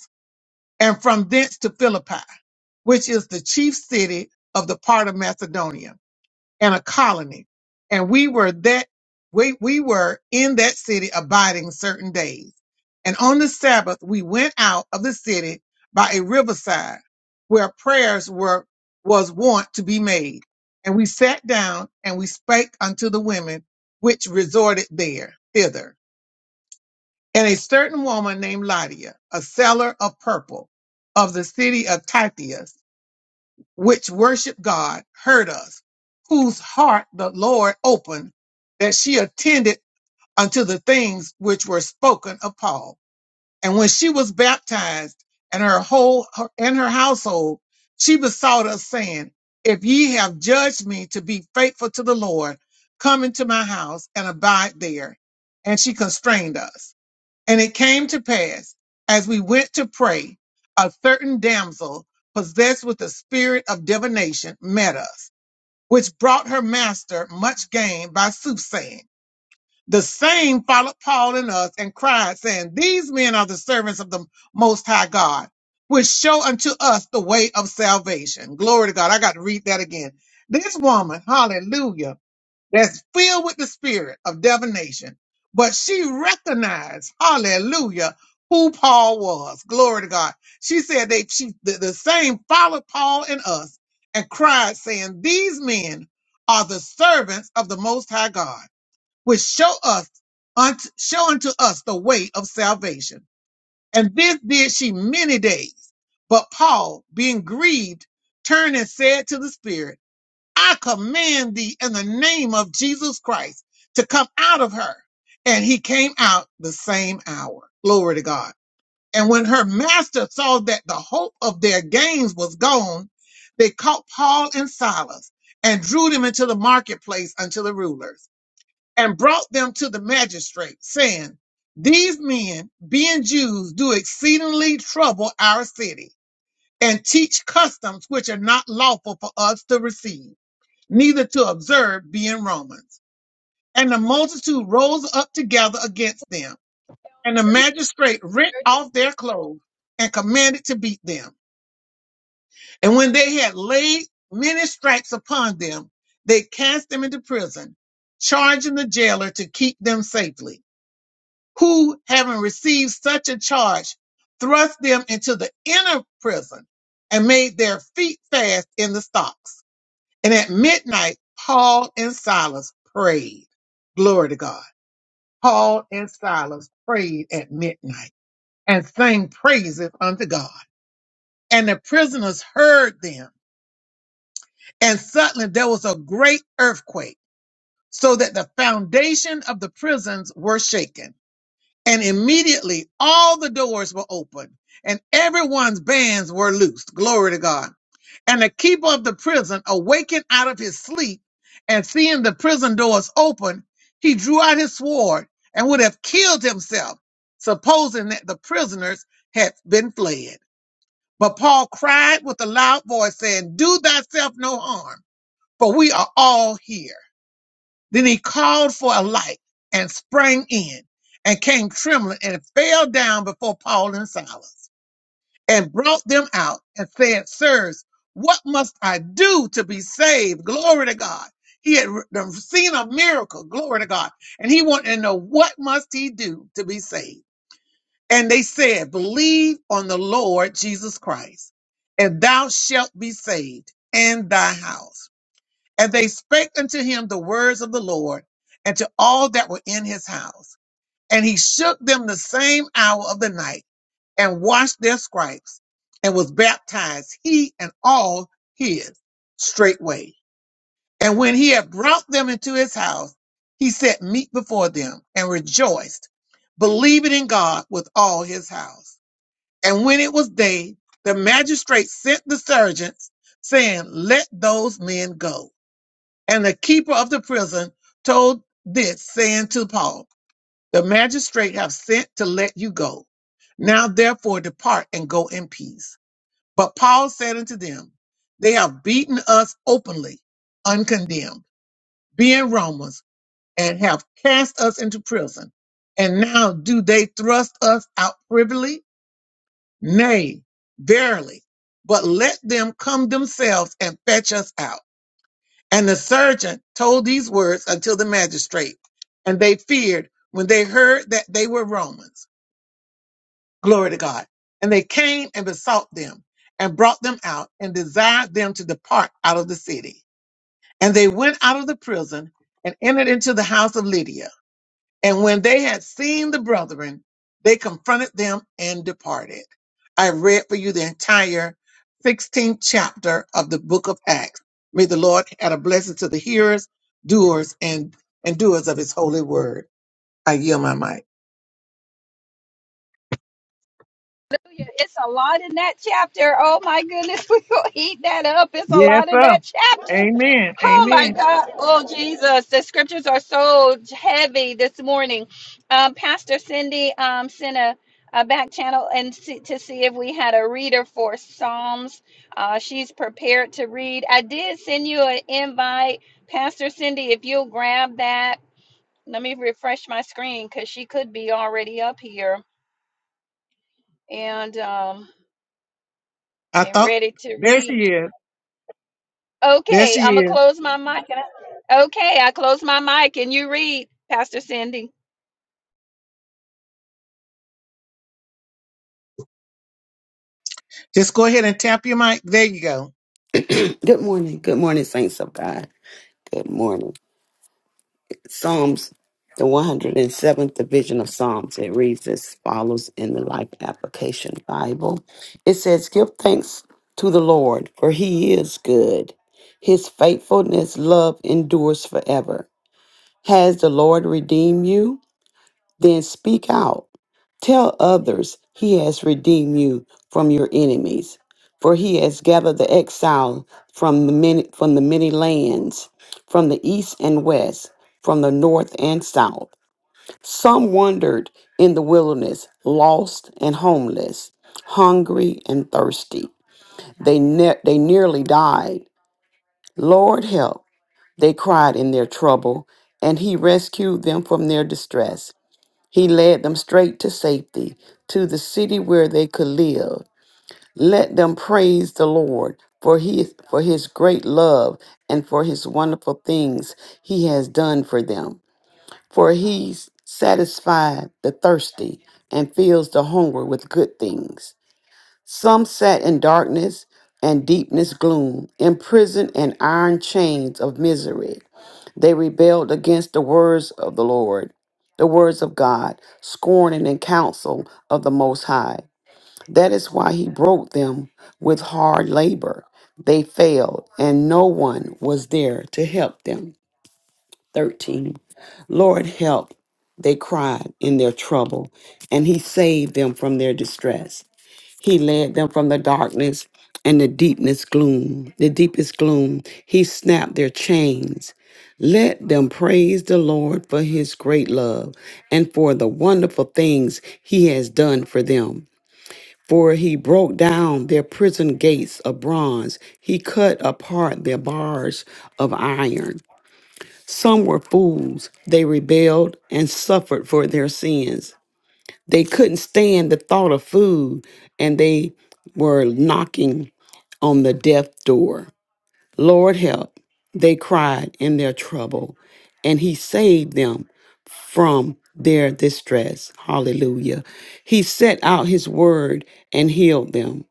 A: and from thence to Philippi, which is the chief city of the part of Macedonia and a colony. And we were that we, we were in that city abiding certain days. And on the Sabbath we went out of the city by a riverside where prayers were was wont to be made. And we sat down and we spake unto the women which resorted there thither and a certain woman named Lydia, a seller of purple of the city of Tithias, which worshiped God, heard us, whose heart the Lord opened, that she attended unto the things which were spoken of Paul. And when she was baptized and her whole her, and her household, she besought us saying, if ye have judged me to be faithful to the Lord, come into my house and abide there. And she constrained us. And it came to pass, as we went to pray, a certain damsel possessed with the spirit of divination met us, which brought her master much gain by soothsaying. The same followed Paul and us and cried, saying, These men are the servants of the Most High God, which show unto us the way of salvation. Glory to God. I got to read that again. This woman, hallelujah that's filled with the spirit of divination. But she recognized, hallelujah, who Paul was. Glory to God. She said they she the, the same followed Paul and us and cried, saying, These men are the servants of the most high God, which show us unto, show unto us the way of salvation. And this did she many days. But Paul, being grieved, turned and said to the Spirit, I command thee in the name of Jesus Christ to come out of her. And he came out the same hour. Glory to God. And when her master saw that the hope of their gains was gone, they caught Paul and Silas and drew them into the marketplace unto the rulers and brought them to the magistrate, saying, These men, being Jews, do exceedingly trouble our city and teach customs which are not lawful for us to receive neither to observe, being Romans. And the multitude rose up together against them. And the magistrate rent off their clothes and commanded to beat them. And when they had laid many stripes upon them, they cast them into prison, charging the jailer to keep them safely, who, having received such a charge, thrust them into the inner prison and made their feet fast in the stocks And at midnight, Paul and Silas prayed. Glory to God. Paul and Silas prayed at midnight and sang praises unto God. And the prisoners heard them. And suddenly there was a great earthquake, so that the foundation of the prisons were shaken. And immediately all the doors were opened and everyone's bands were loosed. Glory to God. And the keeper of the prison awakened out of his sleep and seeing the prison doors open, he drew out his sword and would have killed himself, supposing that the prisoners had been fled. But Paul cried with a loud voice, saying, Do thyself no harm, for we are all here. Then he called for a light and sprang in and came trembling and fell down before Paul and Silas and brought them out and said, Sirs, what must I do to be saved? Glory to God. He had re- seen a miracle. Glory to God. And he wanted to know what must he do to be saved. And they said, believe on the Lord Jesus Christ and thou shalt be saved and thy house. And they spake unto him the words of the Lord and to all that were in his house. And he shook them the same hour of the night and washed their stripes and was baptized, he and all his straightway. And when he had brought them into his house, he set meat before them and rejoiced, believing in God with all his house. And when it was day, the magistrate sent the sergeants, saying, Let those men go. And the keeper of the prison told this, saying to Paul, the magistrate have sent to let you go. Now therefore depart and go in peace. But Paul said unto them, They have beaten us openly, uncondemned, being Romans, and have cast us into prison. And now do they thrust us out privily? Nay, verily. But let them come themselves and fetch us out. And the sergeant told these words unto the magistrate, and they feared when they heard that they were Romans. Glory to God. And they came and besought them and brought them out and desired them to depart out of the city. And they went out of the prison and entered into the house of Lydia. And when they had seen the brethren, they confronted them and departed. I read for you the entire 16th chapter of the book of Acts. May the Lord add a blessing to the hearers, doers, and, and doers of his holy word. I yield my mic.
B: It's a lot in that chapter. Oh my goodness, we will eat that up. It's a
A: Yes,
B: lot in
A: sir.
B: that chapter.
A: Amen.
B: Oh
A: Amen.
B: my God. Oh Jesus, the scriptures are so heavy this morning. Um, Pastor Cindy um, sent a, a back channel and see, to see if we had a reader for Psalms. Uh, she's prepared to read. I did send you an invite, Pastor Cindy. If you'll grab that, let me refresh my screen because she could be already up here. And um,
A: I
B: and
A: thought
B: ready to
A: there
B: read.
A: she is. There
B: Okay,
A: she
B: I'm gonna
A: is.
B: close my mic. And I, okay, I close my mic and you read, Pastor Cindy.
A: Just go ahead and tap your mic. There you go.
D: Good morning. Good morning, saints of God. Good morning. Psalms, the 107th division of Psalms. It reads as follows in the Life Application Bible. It says, Give thanks to the Lord, for he is good. His faithfulness, love endures forever. Has the Lord redeemed you? Then speak out. Tell others he has redeemed you from your enemies, for he has gathered the exile from the many from the many lands, from the east and west, from the north and south. Some wandered in the wilderness, lost and homeless, hungry and thirsty. They ne- they nearly died. Lord help, they cried in their trouble, and he rescued them from their distress. He led them straight to safety, to the city where they could live. Let them praise the Lord for His for his great love and for his wonderful things he has done for them. For he satisfied the thirsty and fills the hungry with good things. Some sat in darkness and deepness gloom, imprisoned in iron chains of misery. They rebelled against the words of the Lord, the words of God, scorning the counsel of the Most High. That is why he broke them with hard labor. They failed, and no one was there to help them. 13. Lord, help, they cried in their trouble, and he saved them from their distress. He led them from the darkness and the deepness gloom, the deepest gloom. He snapped their chains. Let them praise the Lord for his great love and for the wonderful things he has done for them. For he broke down their prison gates of bronze, he cut apart their bars of iron. Some were fools, they rebelled and suffered for their sins. They couldn't stand the thought of food and they were knocking on the death door. Lord help, they cried in their trouble, and he saved them from their distress. Hallelujah. He set out his word and healed them,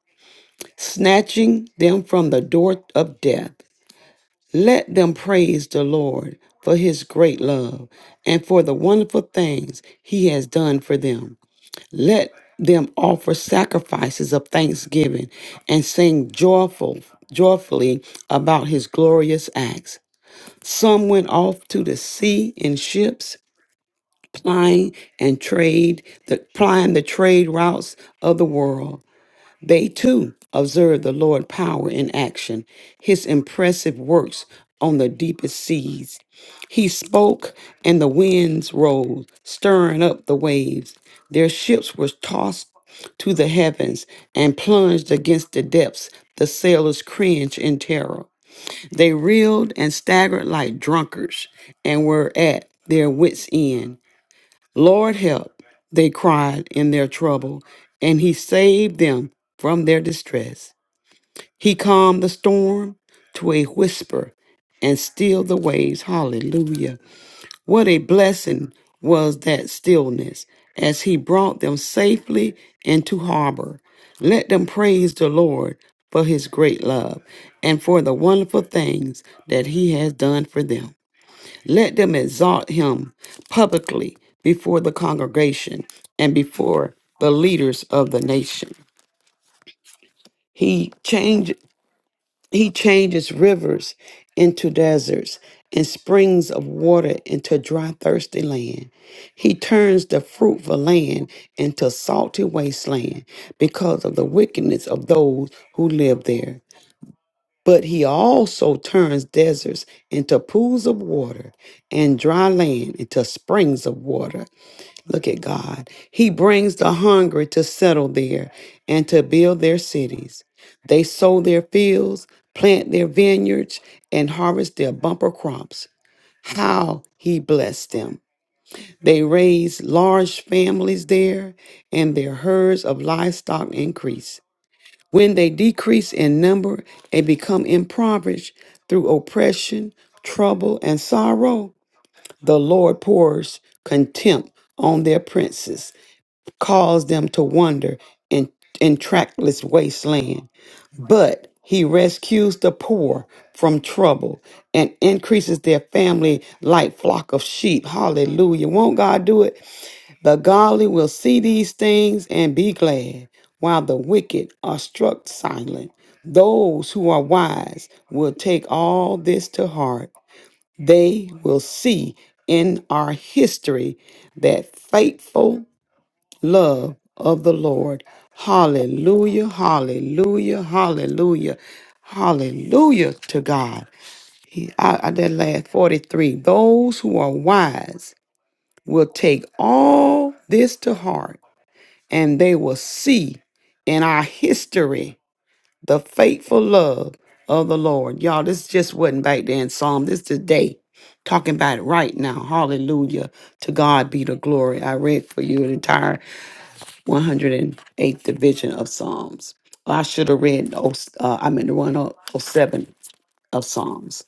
D: snatching them from the door of death. Let them praise the Lord for his great love and for the wonderful things he has done for them. Let them offer sacrifices of thanksgiving and sing joyful, joyfully about his glorious acts. Some went off to the sea in ships, plying and trade, the, plying the trade routes of the world. They too observed the Lord's power in action, his impressive works on the deepest seas. He spoke, and the winds rose, stirring up the waves. Their ships were tossed to the heavens and plunged against the depths. The sailors cringed in terror. They reeled and staggered like drunkards and were at their wits' end. Lord help, they cried in their trouble, and he saved them from their distress. He calmed the storm to a whisper and stilled the waves. Hallelujah. What a blessing was that stillness as he brought them safely into harbor. Let them praise the Lord for his great love and for the wonderful things that he has done for them. Let them exalt him publicly before the congregation and before the leaders of the nation. He change, he changes rivers into deserts and springs of water into dry thirsty land. He turns the fruitful land into salty wasteland because of the wickedness of those who live there. But he also turns deserts into pools of water and dry land into springs of water. Look at God. He brings the hungry to settle there and to build their cities. They sow their fields, plant their vineyards, and harvest their bumper crops. How he blessed them. They raise large families there, and their herds of livestock increase. When they decrease in number and become impoverished through oppression, trouble, and sorrow, the Lord pours contempt on their princes, calls them to wander in, in trackless wasteland. But he rescues the poor from trouble and increases their family like flock of sheep. Hallelujah. Won't God do it? The godly will see these things and be glad, while the wicked are struck silent. Those who are wise will take all this to heart. They will see in our history that faithful love of the Lord. Hallelujah, hallelujah, hallelujah. Hallelujah to God. He, I, I that last 43. Those who are wise will take all this to heart and they will see in our history the faithful love of the Lord. Y'all, this just wasn't back then, Psalm. This today. Talking about it right now. Hallelujah. To God be the glory. I read for you an entire 108th division of Psalms. I should have read, oh, uh, I mean, the 107 of Psalms.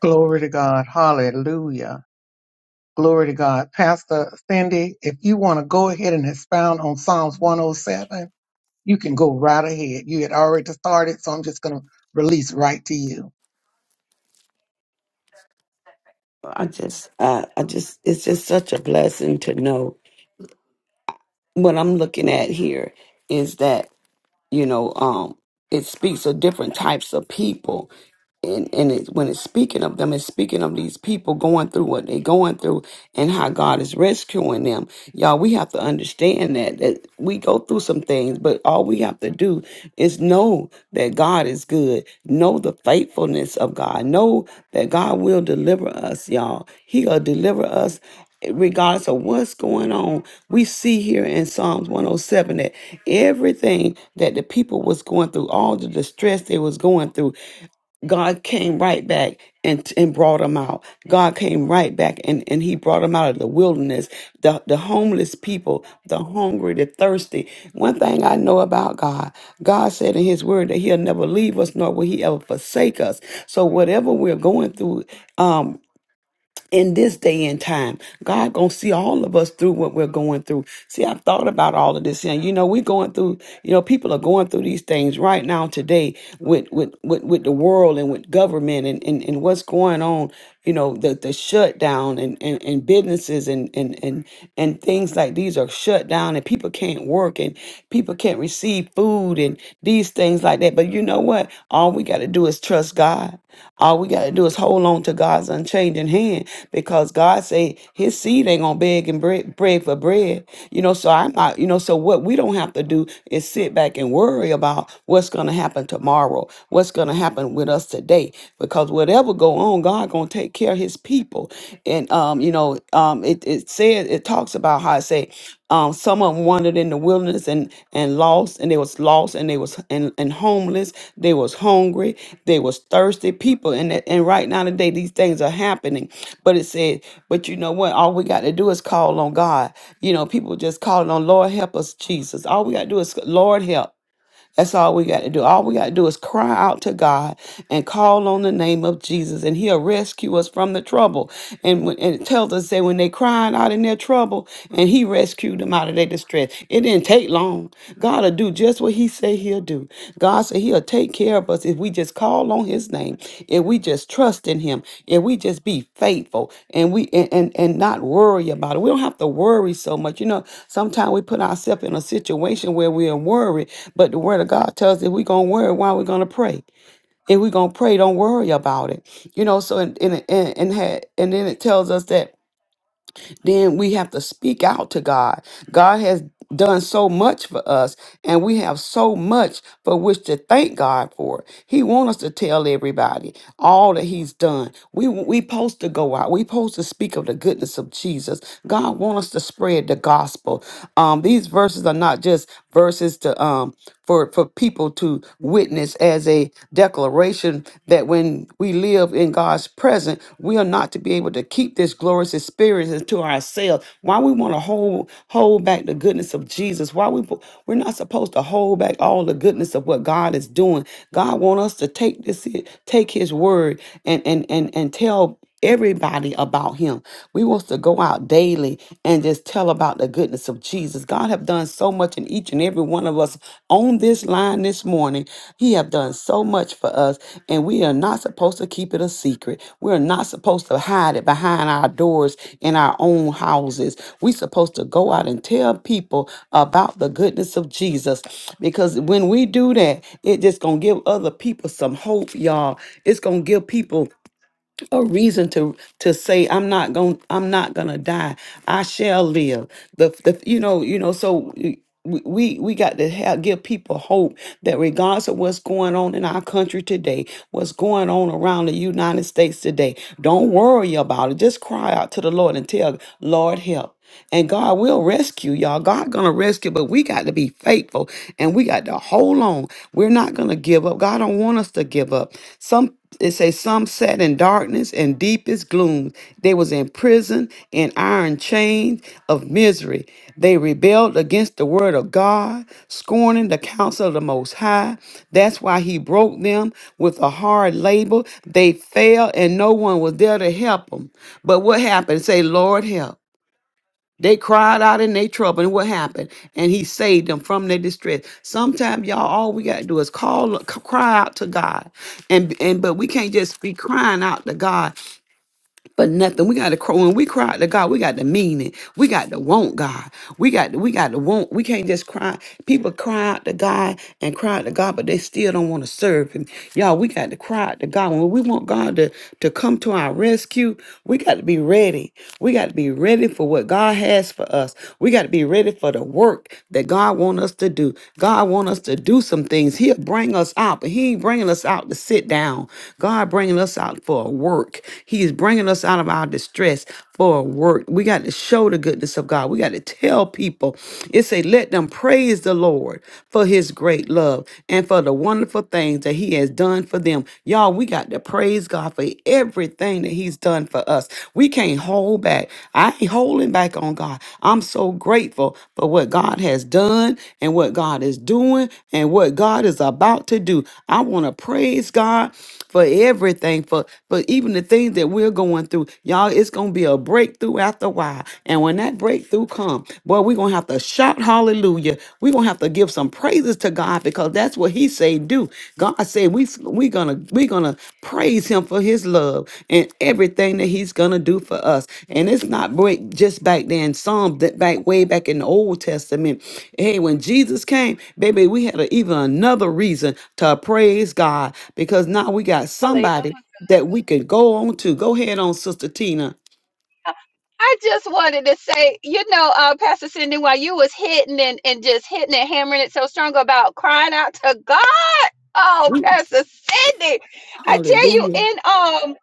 A: Glory to God. Hallelujah. Glory to God. Pastor Cindy, if you want to go ahead and expound on Psalms 107, you can go right ahead. You had already started, so I'm just going to release right to you.
D: I just, I, I just, it's just such a blessing to know what I'm looking at here is that you know um it speaks of different types of people and and it, when it's speaking of them it's speaking of these people going through what they're going through and how God is rescuing them. Y'all, we have to understand that that we go through some things, but all we have to do is know that God is good. Know the faithfulness of God. Know that God will deliver us, y'all. He'll deliver us regardless of what's going on. We see here in Psalms 107 that everything that the people was going through, all the distress they was going through, God came right back and, and brought them out. God came right back and, and he brought them out of the wilderness, the, the homeless people, the hungry, the thirsty. One thing I know about God, God said in his word that he'll never leave us nor will he ever forsake us. So whatever we're going through, um, in this day and time. God gonna see all of us through what we're going through. See, I've thought about all of this, and you know, we're going through. You know, people are going through these things right now today with with with, with the world and with government and, and and what's going on. You know, the the shutdown and and, and businesses and and and and things like these are shut down, and people can't work and people can't receive food food and these things like that. But you know what? All we got to do is trust God. All we got to do is hold on to God's unchanging hand because God say his seed ain't going to beg and bread, bread for bread. You know, so I'm not, you know, so what we don't have to do is sit back and worry about what's going to happen tomorrow, what's going to happen with us today because whatever go on, God going to take care of his people people. And um, you know, um, it it said it talks about how it say um, some of them wandered in the wilderness and and lost, and they was lost, and they was and, and homeless. They was hungry. They was thirsty people. And that- and right now today, these things are happening. But it said, but you know what? All we got to do is call on God. You know, people just calling on Lord help us, Jesus. All we got to do is Lord help. That's all we got to do. All we got to do is cry out to God and call on the name of Jesus, and He'll rescue us from the trouble. And, when, and it tells us that when they cried out in their trouble, and He rescued them out of their distress. It didn't take long. God will do just what He say He'll do. God said He'll take care of us if we just call on his name, if we just trust in him, if we just be faithful and we and, and, and not worry about it. We don't have to worry so much. You know, sometimes we put ourselves in a situation where we're worried, but the word of God tells us if we're gonna worry, why are we gonna pray? If we're gonna pray, don't worry about it. You know, so and and and, and, had, and then it tells us that then we have to speak out to God. God has done so much for us and we have so much for which to thank God for. He wants us to tell everybody all that he's done. We we supposed to go out. We supposed to speak of the goodness of Jesus. God wants us to spread the gospel. Um these verses are not just verses to um for for people to witness as a declaration declaration that when we live in God's presence, we are not to be able to keep this glorious experience to ourselves. Why we want to hold hold back the goodness of Jesus? Why we we're not supposed to hold back all the goodness of what God is doing. God want us to take this take His word and and and and tell everybody about him. We want to go out daily and just tell about the goodness of Jesus. God have done so much in each and every one of us on this line this morning. He have done so much for us and we are not supposed to keep it a secret. We're not supposed to hide it behind our doors in our own houses. We're supposed to go out and tell people about the goodness of Jesus because when we do that, it just going to give other people some hope, y'all. It's going to give people a reason to to say I'm not going I'm not going to die. I shall live. The the you know, you know so we we we got to have, give people hope that regardless of what's going on in our country today, what's going on around the United States today, don't worry about it. Just cry out to the Lord and tell Lord help and God will rescue y'all. God gonna rescue, but we got to be faithful and we got to hold on. We're not gonna give up. God don't want us to give up. Some it say some sat in darkness and deepest gloom. They was in prison in iron chains of misery. They rebelled against the word of God, scorning the counsel of the Most High. That's why He broke them with a hard label. They fell, and no one was there to help them. But what happened? Say, Lord, help. They cried out in their trouble, and what happened? And he saved them from their distress. Sometimes, y'all, all we gotta do is call, c- cry out to God, and and but we can't just be crying out to God for nothing. We got to cry when we cry out to God. We got to mean it. We got to want God. We got to, we got to want. We can't just cry. People cry out to God and cry out to God, but they still don't want to serve Him. Y'all, we got to cry out to God when we want God to to come to our rescue. We got to be ready. We got to be ready for what God has for us. We got to be ready for the work that God want us to do. God want us to do some things. He He'll bring us out, but He ain't bringing us out to sit down. God bringing us out for a work. He is bringing us out of our distress for a work. We got to show the goodness of God. We got to tell people. It say, let them praise the Lord for His great love and for the wonderful things that He has done for them. Y'all, we got to praise God for everything that He's done for us. We can't hold back. I ain't holding back on back on God. I'm so grateful for what God has done and what God is doing and what God is about to do. I want to praise God for everything, for, for even the things that we're going through. Y'all, it's going to be a breakthrough after a while. And when that breakthrough comes, boy, we're going to have to shout hallelujah. We're going to have to give some praises to God because that's what he say do. God said we, we're going to, we're going to praise him for his love and everything that he's going to do for us. And it's not break just back then. Some that back way back in the Old Testament. Hey, when Jesus came, baby, we had a, even another reason to praise God because now we got
B: Hallelujah.
D: somebody that we could go on to. Go ahead on, Sister Tina.
B: I just wanted to say, you know, uh, Pastor Cindy, while you was hitting and, and just hitting and hammering it so strong about crying out to God. Oh,
D: We-
B: Pastor Cindy, I tell you,
D: Hallelujah.
B: in um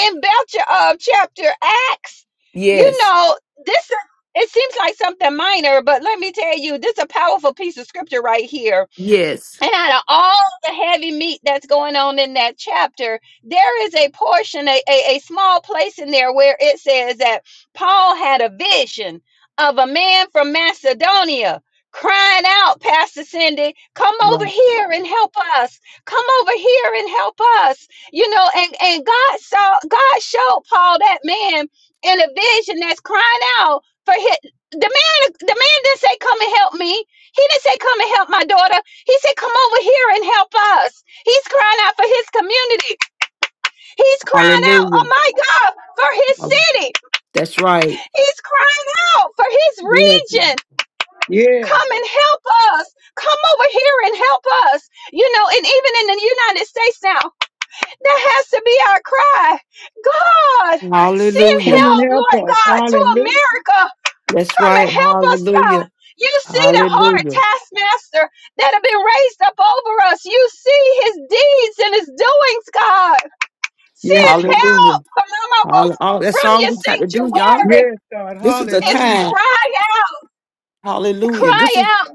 B: in Belcher of chapter Acts, you
D: Yes.
B: know, this is- it seems like something minor, but let me tell you, this is a powerful piece of scripture right here
D: Yes.
B: And out of all the heavy meat that's going on in that chapter, there is a portion, a, a, a small place in there where it says that Paul had a vision of a man from Macedonia crying out, Pastor Cindy, come over
D: Right.
B: here and help us. Come over here and help us. You know, and, and God saw, God showed Paul that man in a vision that's crying out for his, the man, the man didn't say, come and help me. He didn't say, come and help my daughter. He said, Come over here and help us. He's crying out for his community. He's crying out, oh my God, for his
D: Hallelujah.
B: city.
D: That's right.
B: He's crying out for his
A: Yes,
B: region.
A: yes.
B: Come and help us. Come over here and help us. You know, and even in the United States now, that has to be our cry. God, send
A: Come
D: Hallelujah.
A: and
B: help,
A: help
B: Lord
A: us.
B: God, to
A: Hallelujah.
B: America.
D: That's
B: Come and
D: right.
B: help us, God.
D: Hallelujah.
B: You see the hard
D: Hallelujah.
B: taskmaster that have been raised up over us. You see his deeds and his doings, God.
A: Yes,
B: Send
A: God.
D: Hallelujah.
B: help Palomos,
D: Hallelujah. That's
B: from
D: all
B: your
D: we got to do, y'all.
B: sanctuary.
A: Yes, God.
D: This is the
B: It's
A: Hallelujah.
D: time.
B: cry out,
D: Hallelujah. This
B: cry
D: is
B: out.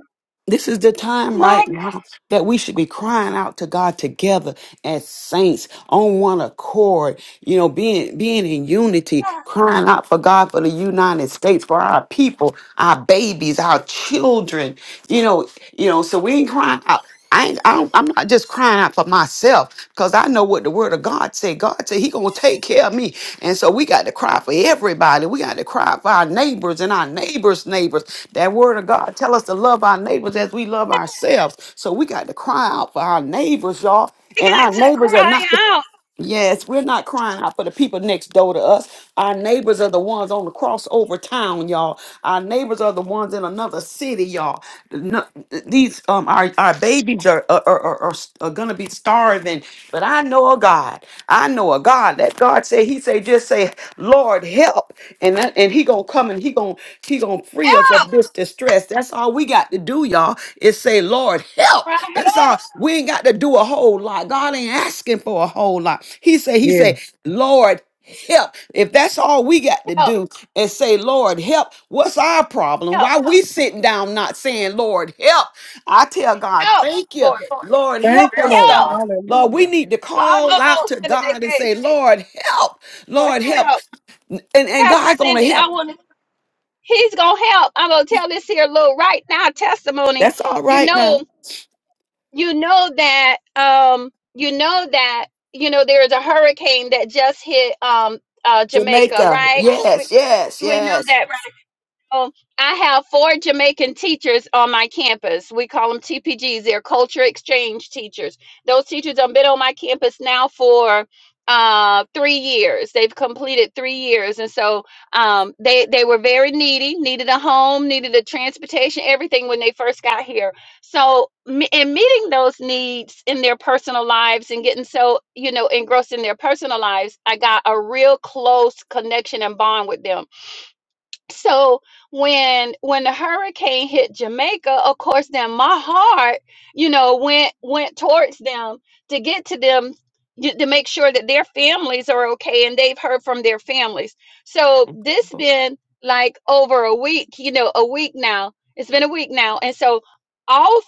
D: this is the time
B: My
D: right now that we should be crying out to God together as saints on one accord, you know, being being in unity,
B: God,
D: crying out for God for the United States, for our people, our babies, our children, you know, you know, so we ain't crying out. I ain't I don't, I'm not just crying out for myself because I know what the word of God said. God said he gonna take care of me. And so we got to cry for everybody. We got to cry for our neighbors and our neighbors' neighbors. That word of God tell us to love our neighbors as we love ourselves. So we got to cry out for our neighbors, y'all.
B: we
D: And
B: got
D: our
B: to
D: neighbors are not.
B: cry out.
D: Yes, we're not crying out for the people next door to us. Our neighbors are the ones on the crossover town, y'all. Our neighbors are the ones in another city, y'all. No- these um our, our babies are are, are, are are are gonna be starving. But I know a God. I know a God that God said He said just say, Lord help, and that, and He he gonna come and he gonna he gonna free us
B: Help,
D: of this distress. That's all we got to do, y'all, is say, Lord, help.
B: cry,
D: That's all we ain't got to do a whole lot. God ain't asking for a whole lot. He said, He
A: Yes.
D: said, Lord, help. If that's all we got to
B: help,
D: do and say, Lord, help, what's our problem?
B: help,
D: Why we sitting down not saying, Lord, help? I tell God,
B: help,
D: thank you.
B: Lord.
D: Lord, help
A: Thank you,
D: us,
A: Lord.
B: Help.
D: God. Lord, we
A: Hallelujah.
D: need to call
B: the
D: out
B: Most
D: to
B: in
D: God and
B: Palomos,
D: say, Lord, help.
B: Lord,
D: Lord, help.
B: help.
D: And, and
B: Pastor
D: God gonna
B: Cindy, I
D: help.
B: want to He's gonna help. I'm gonna tell this here little right now testimony.
D: That's all
B: You
D: right now.
B: know, you know that um you know that you know there is a hurricane that just hit um uh Jamaica,
D: Jamaica.
B: right? We,
D: Yes, yes,
B: we know
D: yes.
B: that um, I have four Jamaican teachers on my campus. We call them TPGs. They're culture exchange teachers. Those teachers have been on my campus now for uh, three years. They've completed three years, and so um, they they were very needy, needed a home, needed a transportation, everything when they first got here. So, me- and meeting those needs in their personal lives and getting so you know engrossed in their personal lives, I got a real close connection and bond with them so when when the hurricane hit Jamaica, of course, then my heart, you know, went went towards them to get to them y- to make sure that their families are okay and they've heard from their families. So
D: Thank you,
B: this
D: Lord.
B: been like over a week, you know, a week now. It's been a week now, and so all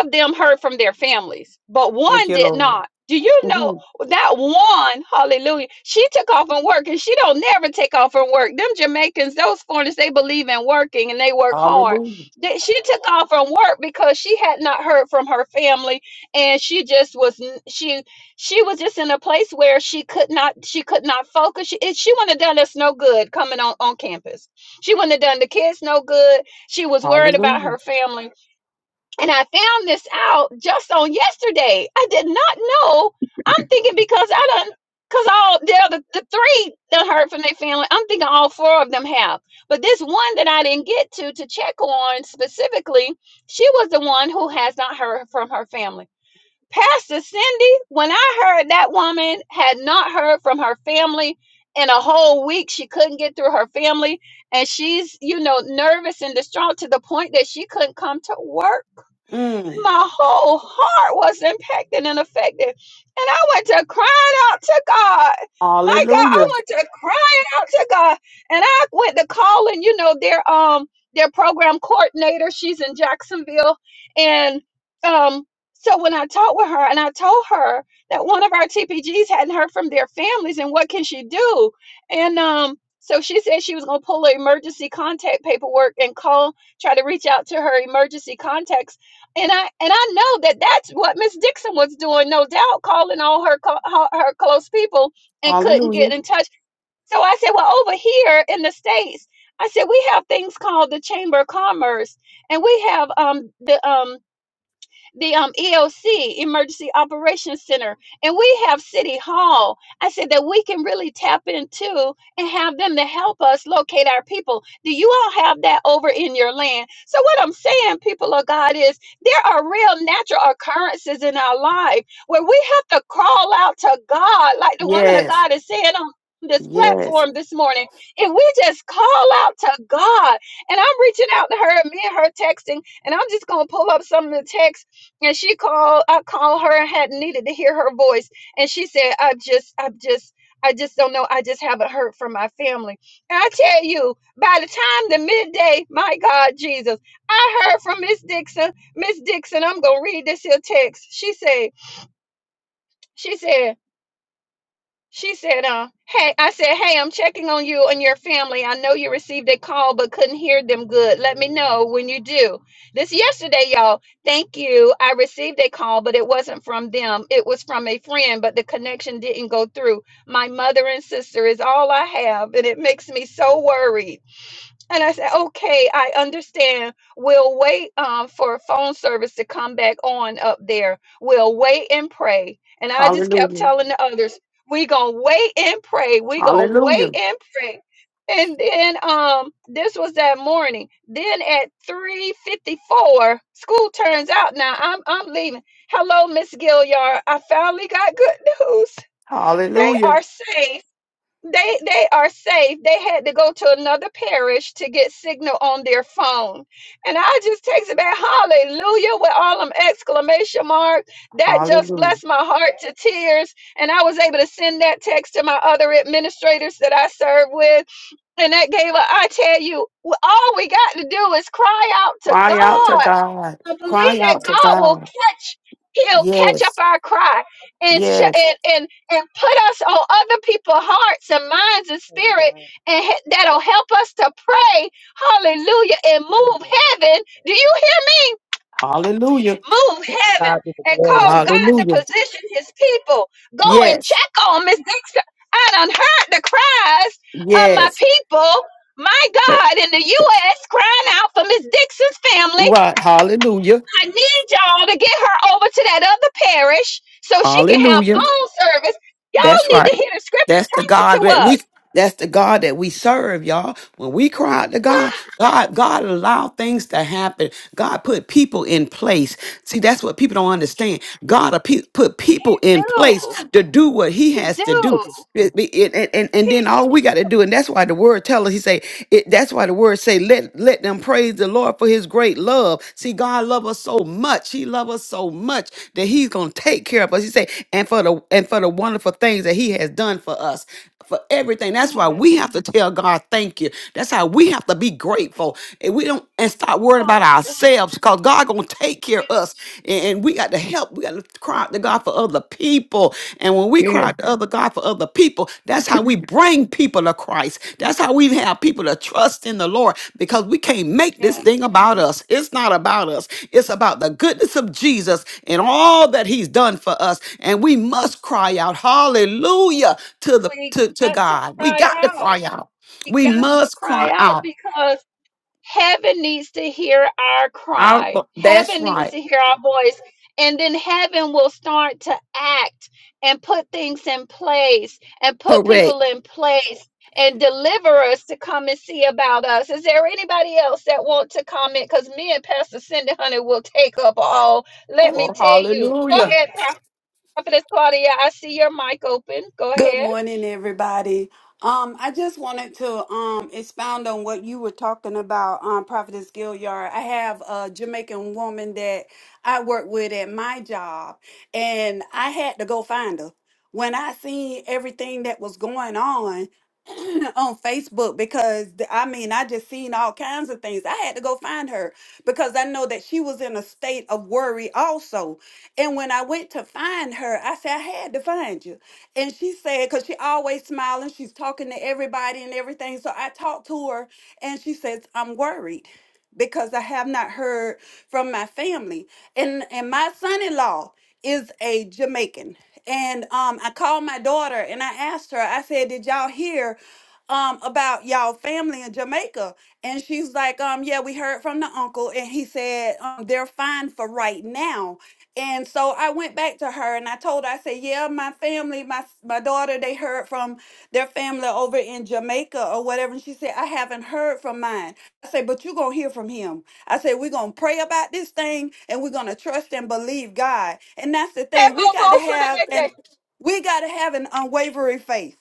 B: of them heard from their families, but
D: Thank
B: one
D: you,
B: did
D: Lord.
B: not. Do you know
D: Mhm.
B: that one? Hallelujah. She took off and work, and she don't never take off from work. Them Jamaicans, those foreigners, they believe in working and they work hard.
D: Hallelujah.
B: That she took off from work because she had not heard from her family, and she just was she she was just in a place where she could not she could not focus. She, she wouldn't have done us no good coming on on campus. She wouldn't have done the kids no good. She was worried about
D: Hallelujah.
B: her family and I found this out just on yesterday. I did not know. I'm thinking because I don't, because all the other the three that heard from their family, I'm thinking all four of them have. But this one that I didn't get to to check on specifically, she was the one who has not heard from her family. Pastor Cindy, when I heard that woman had not heard from her family in a whole week, she couldn't get through her family, and she's you know nervous and distraught to the point that she couldn't come to work
D: Mm.
B: my whole heart was impacted and affected. And I went to crying out to God. My God, I
D: Hallelujah.
B: went to crying out to God. And I went to calling, you know, their um their program coordinator. She's in Jacksonville. And um so when I talked with her and I told her that one of our TPGs hadn't heard from their families and what can she do? And um so she said she was gonna pull her emergency contact paperwork and call, try to reach out to her emergency contacts and I and I know that that's what Miss Dixon was doing, no doubt, calling all her co- her her close people and couldn't get
D: Hallelujah.
B: in touch. So I said, well, over here in the states, I said we have things called the Chamber of Commerce, and we have um the um the um, EOC, Emergency Operations Center, and we have City Hall. I said that we can really tap into and have them to help us locate our people. Do you all have that over in your land? So, what I'm saying, people of God, is there are real natural occurrences in our life where we have to crawl out to God, like the woman of
D: Yes.
B: God is saying on this
D: Yes.
B: platform this morning if we just call out to God and I'm reaching out to her me and her texting and I'm just gonna pull up some of the texts and she called i called her and had needed to hear her voice and she said i just i just i just don't know i just haven't heard from my family and i tell you by the time the midday my god jesus i heard from miss dixon miss dixon i'm gonna read this here text she said she said she said, uh, hey, I said, hey, I'm checking on you and your family. I know you received a call but couldn't hear them good. Let me know when you do. This yesterday, y'all. Thank you. I received a call, but it wasn't from them. It was from a friend, but the connection didn't go through. My mother and sister is all I have, and it makes me so worried. And I said, okay, I understand. We'll wait um, for phone service to come back on up there. We'll wait and pray. And I just kept
D: Hallelujah.
B: telling the others, we going to wait and pray. we going to wait
D: Hallelujah.
B: and pray. And then um, this was that morning. Then at 3.54, school turns out now. I'm, I'm leaving. Hello, Miss Gilliard. I finally got good news. They
D: Hallelujah.
B: are safe they they are safe. They had to go to another parish to get signal on their phone. And I just text back hallelujah with all them exclamation marks. That just
D: Hallelujah.
B: blessed my heart to tears. And I was able to send that text to my other administrators that I serve with. And that gave a, I tell you, all we got to do is cry out to
D: Cry out to
B: God
D: God.
B: I believe
D: Cry
B: that
D: out
E: Amen.
D: to
B: God will
D: God.
B: catch. He'll catch up
D: Yes.
B: our cry and sh-
D: Yes.
B: and and and put us on other people's hearts and minds and spirit,
E: Amen.
B: and he- that'll help us to pray, Hallelujah, and move
E: Hallelujah.
B: heaven. Do you hear me?
D: Hallelujah.
B: Move
E: To
B: heaven
E: God be the
B: and
E: glory.
B: cause God to
D: Hallelujah.
B: position His people. Go and
D: Yes.
B: check on Miss Dixon. I done heard the cries of my
D: Yes.
B: people. My God, in the U.S., crying out for Miss Dixon's family
D: Right. Hallelujah.
B: I need y'all to get her over to that other parish so she can have
D: Hallelujah.
B: phone service. Y'all
D: That's
B: need to
D: right.
B: hear the scripture.
D: That's the
B: Take it
D: God
B: to
D: that we
B: us.
D: that's the God that we serve, y'all. When we cry out to God,
B: Ah,
D: God, God allowed things to happen. God put people in place. See, that's what people don't understand. God a pe- put people
B: He
D: in place
B: do.
D: to do what He
B: He
D: has to do.
B: do.
D: It- it- and, and, and then
B: He
D: all we got to do, and that's why the word tell us, he say, it, that's why the word say, let, let them praise the Lord for his great love. See, God love us so much. He love us so much that he's going to take care of us. He say, and for the, and for the wonderful things that he has done for us, for everything. That's why
B: yes,
D: we have to tell God, thank you. That's how we have to be grateful. And we don't and stop worrying about
B: Father.
D: ourselves because God gonna take care
B: Yes.
D: of us and, and we got to help. We got to cry out to God for other people. And when we cry
A: Yes.
D: out to other God for other people, that's how we bring people to Christ. That's how we have people to trust in the Lord because we can't make this
B: yes.
D: thing about us. It's not about us. It's about the goodness of Jesus and all that he's done for us. And we must cry out hallelujah to the
B: We
D: to, to
B: got to
D: God. We
B: cry
D: got to
B: out.
D: cry out.
B: We
D: We
B: got to
D: must
B: cry
D: cry
B: out
D: out.
B: because Heaven needs to hear our
D: Our,
B: cry.
D: that's
B: Heaven needs
D: right.
B: to hear our voice. And then heaven will start to act and put things in place and put people
D: Correct.
B: in place and deliver us to come and see about us. Is there anybody else that want to comment? Because me and Pastor Cindy Hunter will take up all. Let me
D: Oh,
B: tell you. Go
D: hallelujah.
B: ahead, Prophetess Claudia. I see your mic open. Go
F: Good
B: ahead.
F: morning, everybody. Um, I just wanted to um expound on what you were talking about, um, Prophetess Gilliard. I have a Jamaican woman that I work with at my job, and I had to go find her. When I seen everything that was going on on Facebook, because th- I mean, I just seen all kinds of things. I had to go find her because I know that she was in a state of worry also. And when I went to find her, I said, I had to find you. And she said, because she always smiling, she's talking to everybody and everything. So I talked to her and she says, I'm worried because I have not heard from my family. And and my son-in-law is a Jamaican. And um, I called my daughter and I asked her, I said, Did y'all hear? um about y'all family in Jamaica. And she's like, um, yeah, we heard from the uncle and he said um they're fine for right now. And so I went back to her and I told her, I said, yeah, my family, my s- my daughter, they heard from their family over in Jamaica or whatever. And she said, I haven't heard from mine. I said, but you're gonna hear from him. I said, we're gonna pray about this thing and we're gonna trust and believe God. And that's the thing. We got to have an we got to have an unwavering faith.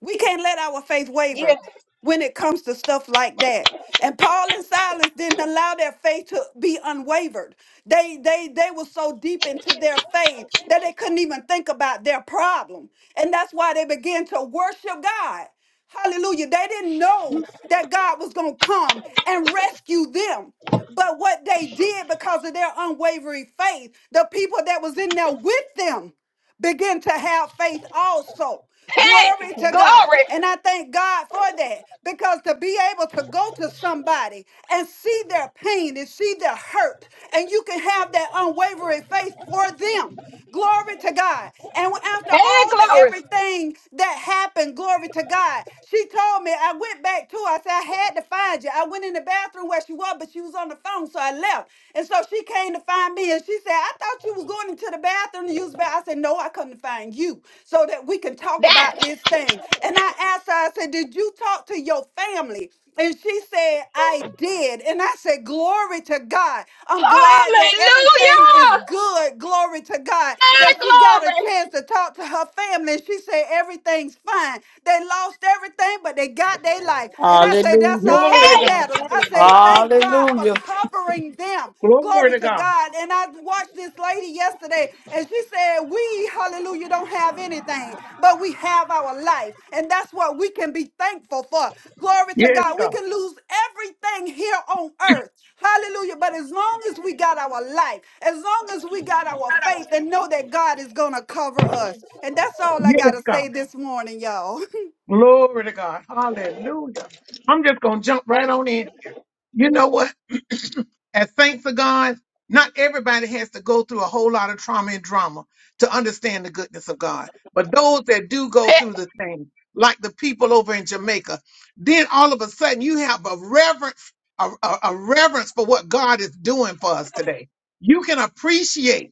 F: We can't let our faith
B: Yeah.
F: waver when it comes to stuff like that. And Paul and Silas didn't allow their faith to be unwavered. They they they were so deep into their faith that they couldn't even think about their problem. And that's why they began to worship God. Hallelujah. They didn't know that God was going to come and rescue them. But what they did because of their unwavering faith, the people that was in there with them begin to have faith also.
B: Hey,
F: Glory to God.
B: glory.
F: And I thank God for that because to be able to go to somebody and see their pain and see their hurt, and you can have that unwavering faith for them. Glory to God. And after
B: Hey,
F: all the
B: glory.
F: everything that happened, glory to God, she told me, I went back to her. I said, I had to find you. I went in the bathroom where she was, but she was on the phone, so I left. And so she came came to find me and she said, I thought you was going into the bathroom to use the bathroom. I said, No, I come to find you so that we can talk
B: That.
F: about this thing. And I asked her, I said, Did you talk to your family? And she said, I did. And I said, Glory to God. I'm glad that everything is
B: Hallelujah!
F: good. Glory to God.
B: My
F: That she got a
B: glory.
F: chance to talk to her family. And she said, Everything's fine. They lost everything, but they got their life. And I said, That's
D: Hallelujah.
F: all
A: Glory to
F: that
A: God.
F: matters. I
A: Hallelujah.
F: say, Thank God for
D: Hallelujah.
F: covering them.
A: Glory
F: Glory
A: to
F: to
A: God.
F: God. And I watched this lady yesterday, and she said, We, hallelujah, don't have anything, but we have our life. And that's what we can be thankful for. Glory to
A: Yes,
F: God. We
A: God.
F: can lose everything here on earth. Hallelujah. But as long as we got our life, as long as we got our faith and know that God is going to cover us. And that's all I got
A: Yes,
F: to
A: God.
F: say this morning, y'all.
A: Glory to God. Hallelujah. I'm just going to jump right on in. You know what? As saints of God, not everybody has to go through a whole lot of trauma and drama to understand the goodness of God. But those that do go
B: Hey,
A: through the thing, like the people over in Jamaica, then all of a sudden you have a reverence, a, a a reverence for what God is doing for us today. You can appreciate.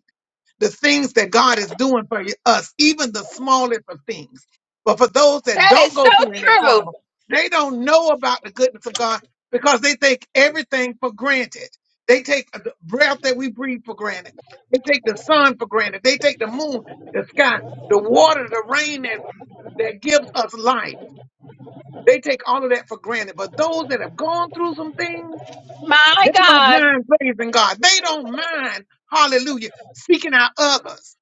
A: the things that God is doing for us, even the smallest of things. But for those that
B: that is
A: don't
B: so
A: go through any
B: true.
A: trauma, they don't know about the goodness of God because they take everything for granted. They take the breath that we breathe for granted. They take the sun for granted. They take the moon, the sky, the water, the rain that, that gives us life. They take all of that for granted. But those that have gone through some things,
B: My
A: they don't
B: God.
A: mind praising God. They don't mind, hallelujah, seeking out others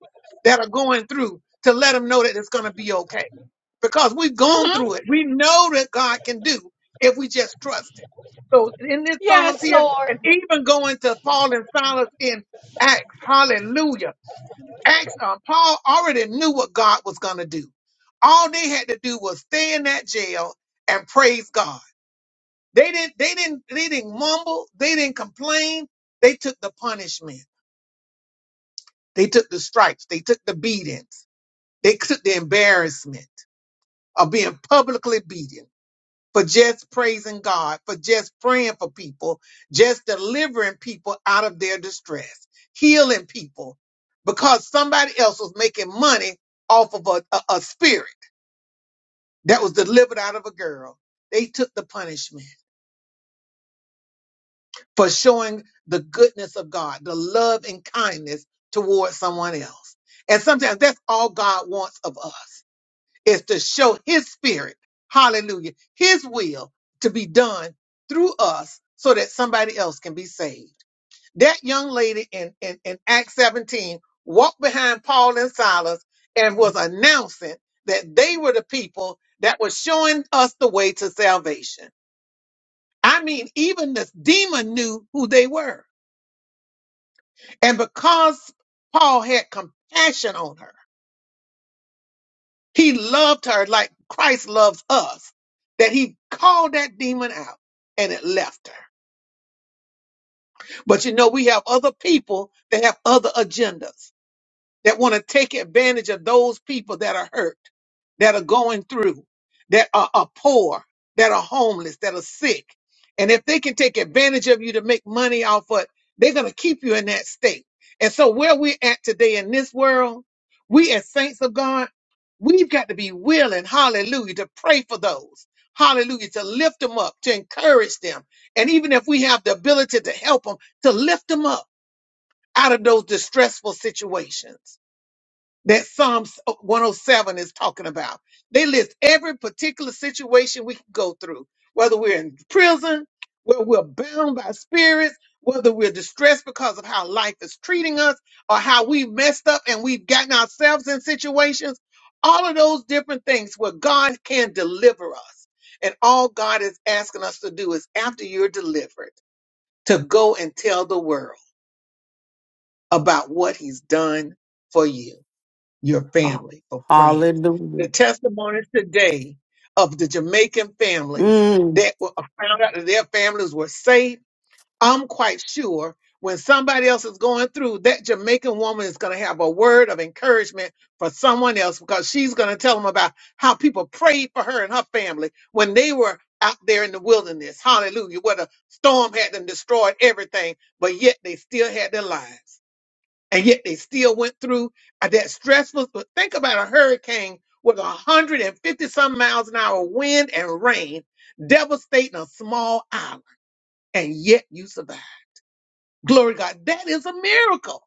A: that are going through to let them know that it's going to be okay. Because we've gone
B: hmm
A: through it. We know that God can do if we just trust Him. So in this Psalms
B: Yes,
A: here, and
B: Lord.
A: even going to Paul and Silas in Acts, hallelujah. Acts, uh, Paul already knew what God was going to do. All they had to do was stay in that jail and praise God. They didn't they didn't they didn't mumble, they didn't complain. They took the punishment. They took the stripes, they took the beatings. They took the embarrassment of being publicly beaten for just praising God, for just praying for people, just delivering people out of their distress, healing people because somebody else was making money off of a, a, a spirit that was delivered out of a girl. They took the punishment. for showing the goodness of God, the love and kindness towards someone else. And sometimes that's all God wants of us is to show his spirit, hallelujah, his will to be done through us so that somebody else can be saved. That young lady in, in, in Acts 17 walked behind Paul and Silas and was announcing that they were the people that were showing us the way to salvation. I mean, even this demon knew who they were. And because Paul had compassion on her, he loved her like Christ loves us, that he called that demon out and it left her. But you know, we have other people that have other agendas. that want to take advantage of those people that are hurt, that are going through, that are, are poor, that are homeless, that are sick. And if they can take advantage of you to make money off of it, they're going to keep you in that state. And so, where we're at today in this world, we as saints of God, we've got to be willing, hallelujah, to pray for those, hallelujah, to lift them up, to encourage them. And even if we have the ability to help them, to lift them up out of those distressful situations that Psalms 107 is talking about. They list every particular situation we can go through, whether we're in prison, whether we're bound by spirits, whether we're distressed because of how life is treating us, or how we messed up and we've gotten ourselves in situations. All of those different things where God can deliver us. And all God is asking us to do is, after you're delivered, to go and tell the world about what He's done for you your
D: Ah,
A: family or friends. The
D: Hallelujah.
A: testimonies today of the Jamaican families
D: Mm,
A: that were uh, found out that their families were safe. I'm quite sure when somebody else is going through, that Jamaican woman is going to have a word of encouragement for someone else because she's going to tell them about how people prayed for her and her family when they were out there in the wilderness. Hallelujah. Where the storm had them destroyed everything, but yet they still had their lives and yet they still went through uh, that stressful. But think about a hurricane with 150 some miles an hour wind and rain devastating a small island, and yet you survived. Glory to God, that is a miracle.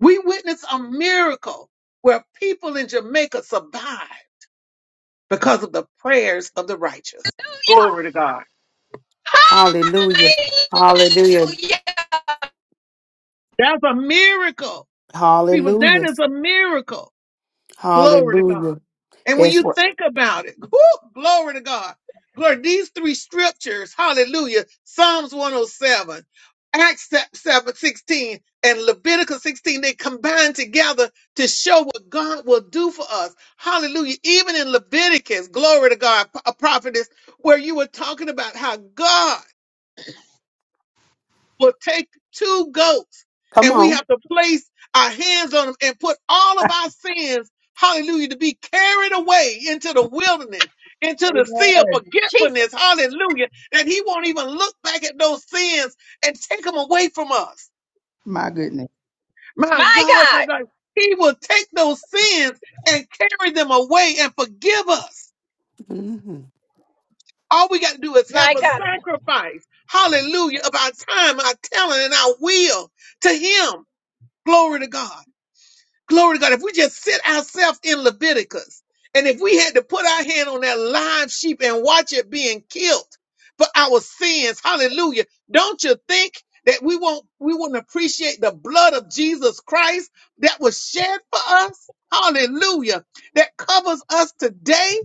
A: We witnessed a miracle where people in Jamaica survived because of the prayers of the righteous. Glory to God.
D: hallelujah. Hallelujah.
B: Hallelujah.
A: That's a miracle. People, that
D: Hallelujah.
A: is a miracle. Glory to God.
D: Hallelujah.
A: And when
D: It's
A: you
D: work.
A: think about it, whew, glory to God. Glory, these three scriptures, hallelujah, Psalms 107, Acts 7, 16, and Leviticus 16, they combine together to show what God will do for us. Hallelujah. Even in Leviticus, glory to God, a prophetess, where you were talking about how God will take two goats
D: Come
A: and we
D: on.
A: have to place our hands on them and put all of our sins, hallelujah, to be carried away into the wilderness, into the sea of
E: Amen.
B: Jesus.
A: forgetfulness, hallelujah, that he won't even look back at those sins and take them away from us.
E: My goodness.
A: My
B: My
A: God, my
B: God.
A: God, he will take those sins and carry them away and forgive us.
D: Mhm.
A: All we got to do is
B: My
A: have a
B: God.
A: sacrifice, hallelujah, of our time, our talent, and our will to him. Glory to God. Glory to God. If we just sit ourselves in Leviticus and if we had to put our hand on that live sheep and watch it being killed for our sins, hallelujah. Don't you think that we won't, we wouldn't appreciate the blood of Jesus Christ that was shed for us? Hallelujah. That covers us today.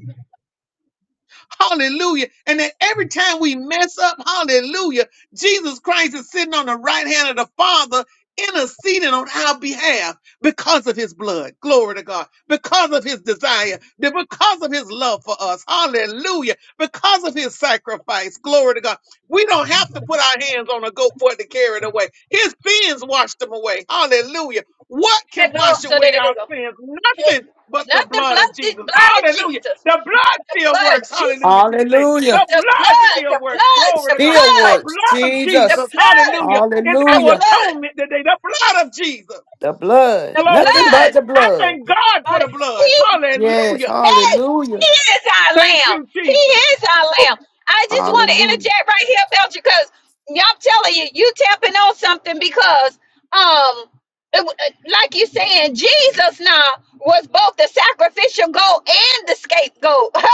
A: Hallelujah. And that every time we mess up, hallelujah, Jesus Christ is sitting on the right hand of the Father, interceding on our behalf because of his blood. Glory to God. Because of his desire, that because of his love for us. Hallelujah. Because of his sacrifice. Glory to God. We don't have to put our hands on a goat for it to carry it away. His sins washed them away. Hallelujah. What can
B: And
A: wash
B: also that
A: away
B: it
A: our sins?
B: is
A: Nothing but the
B: not the
A: blood
B: blood,
A: of
B: the
A: Jesus.
B: blood of
A: Hallelujah.
B: Jesus.
A: The blood
B: The
A: still
B: blood of
A: works.
B: Jesus.
A: Hallelujah to the day.
D: Hallelujah.
A: The
B: The
A: blood
B: blood,
A: still
B: the
A: works.
B: blood,
A: Glory
B: the
A: to God.
D: Still
A: The
B: blood,
D: works.
A: blood of
B: the
A: Jesus.
D: Jesus.
B: blood,
A: Hallelujah. Is
B: the
A: our
D: Hallelujah.
B: blood,
A: atonement today. The blood of Jesus.
D: The blood.
B: the
A: Glory to
D: Nothing
A: God.
D: but
B: blood.
D: the
A: I
D: blood.
A: thank God for
B: Father,
A: the blood.
B: He
D: Yes.
A: Hallelujah.
B: Hey,
D: Hallelujah.
B: he is our
A: Thank
B: lamb.
A: you,
B: He
A: Jesus.
B: is our lamb. I just want to
D: Hallelujah.
B: interject right here, Belcher, because I'm telling you, you tapping on something because, um, it w- uh, like you're saying, Jesus now was both the sacrificial goat and the scapegoat.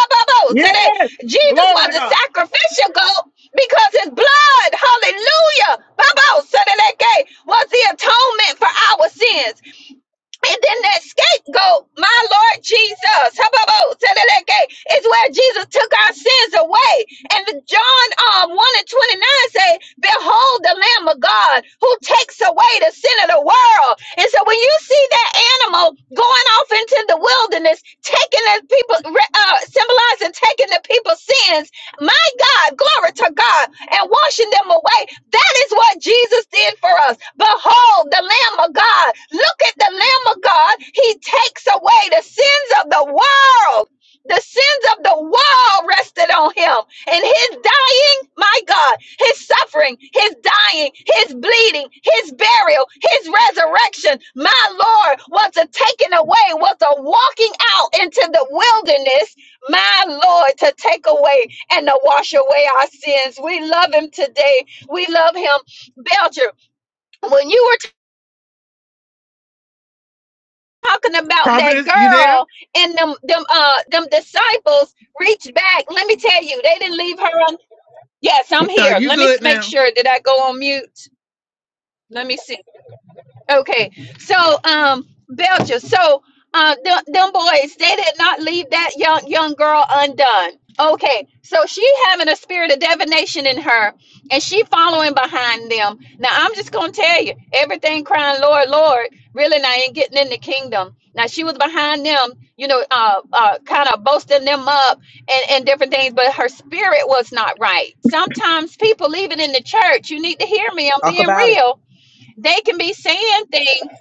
A: Yeah.
B: So that Jesus
A: Glory
B: was
A: to
B: the
A: God.
B: sacrificial goat because his blood, hallelujah, Babo, so that that gate was the atonement for our sins. And then that scapegoat, my Lord Jesus, hubbub, to is where Jesus took our sins away. And the John um, 1 and 29 say, Behold the Lamb of God who takes away the sin of the world. And so when you see that animal going off into the wilderness, taking the people, uh, symbolizing taking the people's sins, my God, glory to God, and washing them away, that is what Jesus did for us. Behold, the Lamb of God. Look at the Lamb of God. He takes away the sins of the world. The sins of the world rested on him. And his dying, my God, his suffering, his dying, his bleeding, his burial, his resurrection, my Lord, was a taking away, was a walking out into the wilderness, my Lord, to take away and to wash away our sins. We love him today we love him, Belcher. When you were talking about that
A: Prophetess, you there?
B: girl and them them uh them disciples reached back. Let me tell you, they didn't leave her on. Yes, I'm
A: Uh,
B: here.
A: you
B: Let me s-
A: good
B: make
A: now?
B: sure that I go on mute. Let me see. Okay, so um, Belcher, so uh, them, them boys, they did not leave that young young girl undone. Okay, so she having a spirit of divination in her, and she following behind them. Now I'm just gonna tell you, everything crying, Lord, Lord, really now ain't getting in the kingdom. Now she was behind them, you know, uh, uh kind of boasting them up and and different things, but her spirit was not right. Sometimes people, even in the church, you need to hear me. I'm
E: Okay.
B: being real they can be saying things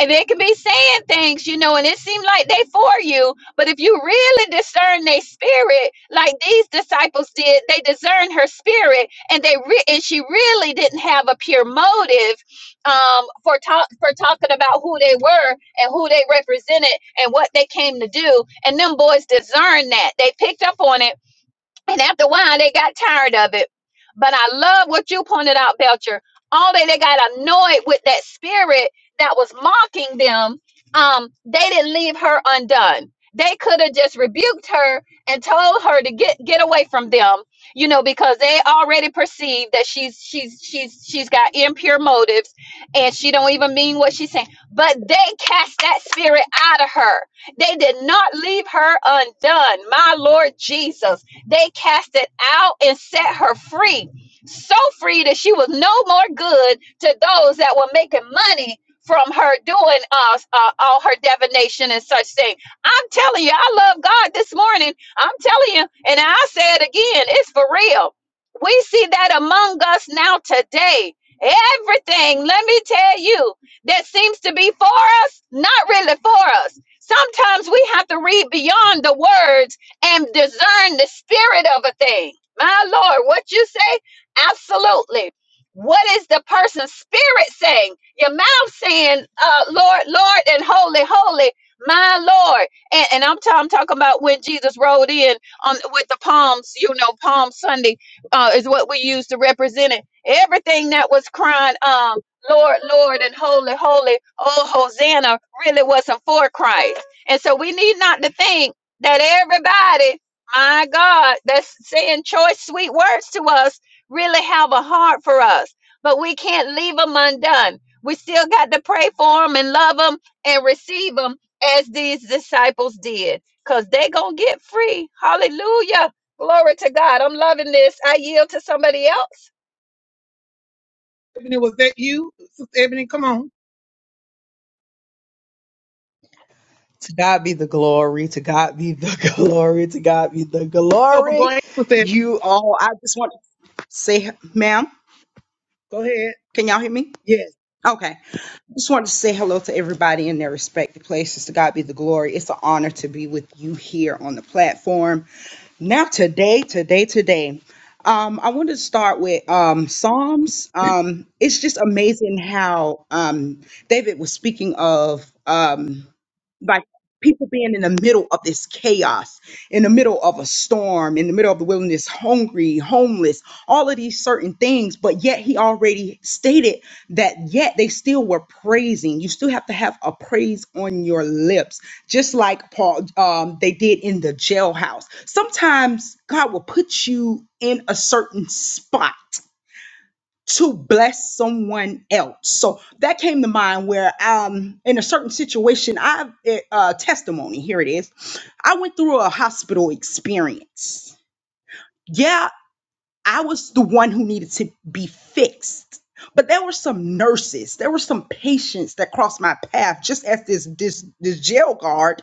B: and they can be saying things, you know, and it seems like they for you. But if you really discern their spirit, like these disciples did, they discerned her spirit and they re- and she really didn't have a pure motive um, for talk for talking about who they were and who they represented and what they came to do. And them boys discerned that. They picked up on it and after a while, they got tired of it. But I love what you pointed out, Belcher. All they they got annoyed with that spirit that was mocking them. Um, they didn't leave her undone. They could have just rebuked her and told her to get get away from them, you know, because they already perceived that she's she's she's she's got impure motives and she don't even mean what she's saying. But they cast that spirit out of her. They did not leave her undone. My Lord Jesus they cast it out and set her free. So free that she was no more good to those that were making money from her doing uh, uh, all her divination and such thing. I'm telling you, I love God this morning. I'm telling you, and I say it again, it's for real. We see that among us now today. Everything, let me tell you, that seems to be for us, not really for us. Sometimes we have to read beyond the words and discern the spirit of a thing. My Lord, what you say? Absolutely. What is the person's spirit saying? Your mouth saying, uh, Lord, Lord, and holy, holy, my Lord. And, and I'm, ta- I'm talking about when Jesus rode in on with the palms, you know, Palm Sunday uh, is what we use to represent it. Everything that was crying, um, Lord, Lord, and holy, holy, oh, Hosanna, really wasn't for Christ. And so we need not to think that everybody, my God, that's saying choice, sweet words to us, really have a heart for us. But we can't leave them undone. We still got to pray for them and love them and receive them as these disciples did, because they're going to get free. Hallelujah. Glory to God. I'm loving this. I yield to somebody else.
A: Ebony, was that you? Sister Ebony, come on.
E: To God be the glory. To God be the glory. To God be the
A: So go
E: glory.
A: ahead, Sister. Ebony.
E: You all, I just want to say, ma'am,
A: Go ahead.
E: can y'all hear me?
A: Yes.
E: Okay. Just wanted to say hello to everybody in their respective places. To God be the glory. It's an honor to be with you here on the platform. Now today, today, today. Um, I want to start with um, Psalms. Um, it's just amazing how um, David was speaking of. Um, like people being in the middle of this chaos, in the middle of a storm, in the middle of the wilderness, hungry, homeless, all of these certain things. But yet he already stated that yet they still were praising. You still have to have a praise on your lips, just like Paul um, they did in the jailhouse. Sometimes God will put you in a certain spot to bless someone else. So that came to mind where um in a certain situation I uh testimony here it is. I went through a hospital experience. Yeah, I was the one who needed to be fixed. But there were some nurses, there were some patients that crossed my path just as this this this jail guard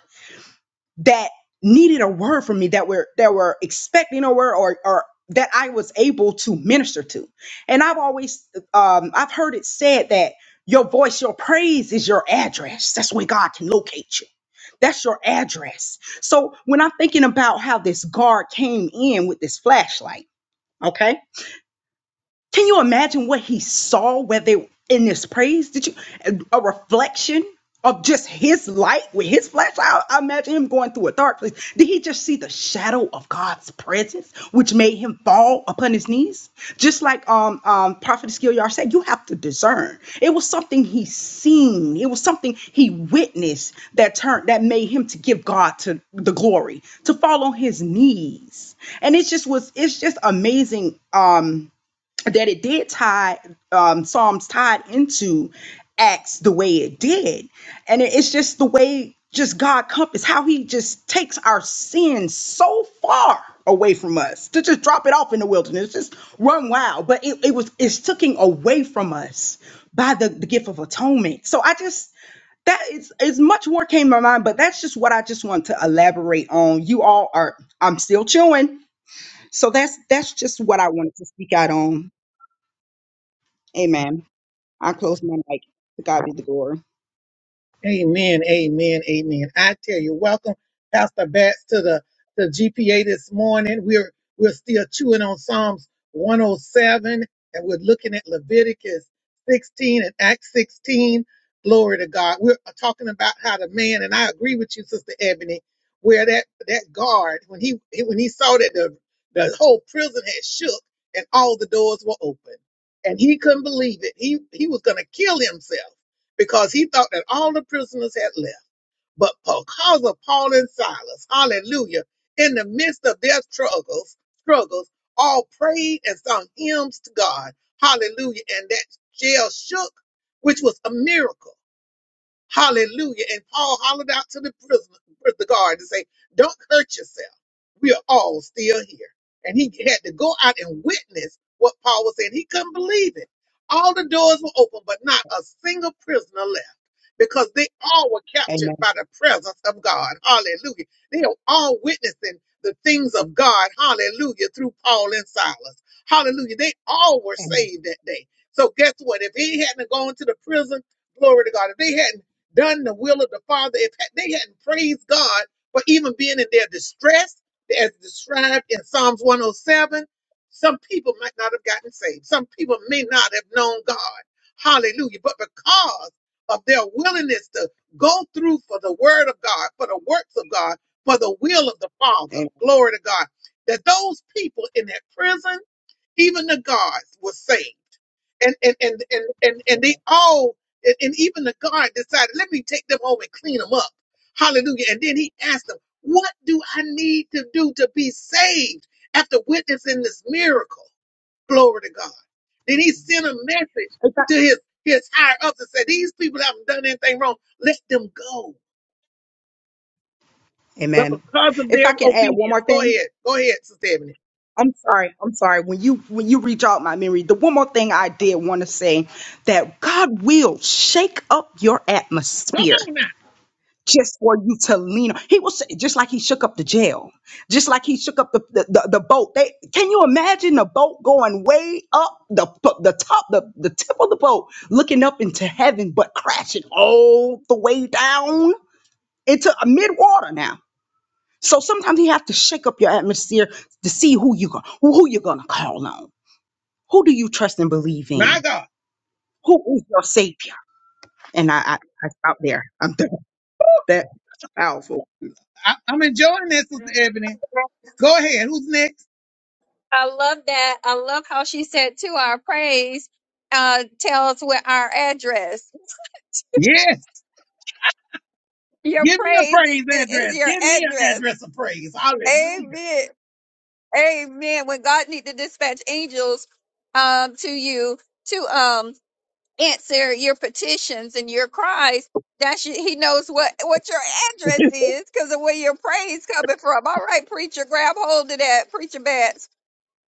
E: that needed a word from me that were that were expecting a word or or that I was able to minister to. And I've always um I've heard it said that your voice, your praise is your address. That's where God can locate you. That's your address. So when I'm thinking about how this guard came in with this flashlight, okay? Can you imagine what he saw where they in this praise? Did you a reflection of just his light with his flesh? I, I imagine him going through a dark place. Did he just see the shadow of God's presence, which made him fall upon his knees? Just like um um Prophet Skillyard said, you have to discern. It was something he seen. It was something he witnessed that turned that made him to give God to the glory, to fall on his knees. And it just was. It's just amazing. Um that it did tie um, Psalms tied into Acts the way it did, and it- it's just the way just God compass how He just takes our sins so far away from us to just drop it off in the wilderness, just run wild. But it, it was it's taken away from us by the, the gift of atonement. So I just that is is much more came to my mind, but that's just what I just want to elaborate on. You all are I'm still chewing. So that's that's just what I wanted to speak out on. Amen. I close my mic. To God be the glory.
A: Amen, amen, amen. I tell you, welcome, Pastor Bats, to the, the GPA this morning. We're we're still chewing on Psalms 107, and we're looking at Leviticus 16 and Acts 16. Glory to God. We're talking about how the man, and I agree with you, Sister Ebony, where that that guard when he when he saw that the the whole prison had shook and all the doors were open, and he couldn't believe it. He he was going to kill himself because he thought that all the prisoners had left. But because of Paul and Silas, hallelujah, in the midst of their struggles, struggles, all prayed and sung hymns to God, hallelujah, and that jail shook, which was a miracle. Hallelujah. And Paul hollered out to the prison, the guard and say, don't hurt yourself. We are all still here. And he had to go out and witness what Paul was saying. He couldn't believe it. All the doors were open, but not a single prisoner left because they all were captured
E: Amen.
A: by the presence of God. Hallelujah. They are all witnessing the things of God. Hallelujah. Through Paul and Silas. Hallelujah. They all were
E: Amen.
A: saved that day. So guess what? If he hadn't gone to the prison, Glory to God. If they hadn't done the will of the Father, if they hadn't praised God for even being in their distress, as described in Psalms 107, some people might not have gotten saved. Some people may not have known God. Hallelujah. But because of their willingness to go through for the word of God, for the works of God, for the will of the Father,
E: Amen.
A: glory to God, that those people in that prison, even the guards, were saved and and and and and, and they all and, and even the guard decided let me take them home and clean them up hallelujah and then he asked them what do i need to do to be saved after witnessing this miracle glory to god then he sent a message
E: If I,
A: to his his higher ups and said these people haven't done anything wrong let them go but
E: Amen.
A: because of
E: If I
A: their
E: can add one more
A: obedience go
E: thing,
A: ahead go ahead sister Ebony.
E: I'm sorry. I'm sorry. When you when you reach out my memory, the one more thing I did want to say that God will shake up your
A: Come
E: atmosphere.
A: on
E: just for you to lean on. He was just like he shook up the jail, just like he shook up the, the, the, the boat. They can you imagine the boat going way up the p- the top, the, the tip of the boat, looking up into heaven, but crashing all the way down into a mid water now. So sometimes you have to shake up your atmosphere to see who you go, who you're gonna call on. Who do you trust and believe in? Who is your savior? And I I, I out there. I'm done. That's powerful.
A: now.
B: I love that. I love how she said, to our praise, uh, tell us where our address.
A: Yes.
B: Your
A: Give me
B: praise is, is
A: address.
B: your
A: Give me an
B: address.
A: address of praise. Hallelujah.
B: Amen. Amen. When God need to dispatch angels um to you to um answer your petitions and your cries, that's your, he knows what what your address is because of where your praise coming from. All right, preacher, grab hold of that, preacher Bats.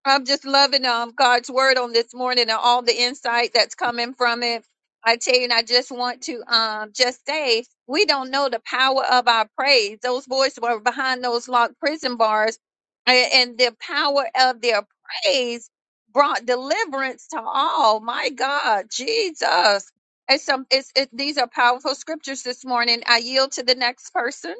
B: I'm just loving um God's word on this morning and all the insight that's coming from it. I tell you, and I just want to um just say we don't know the power of our praise. Those boys were behind those locked prison bars, and, and the power of their praise brought deliverance to all. My God, Jesus. It's some it's it, these are powerful scriptures this morning. I yield to the next person.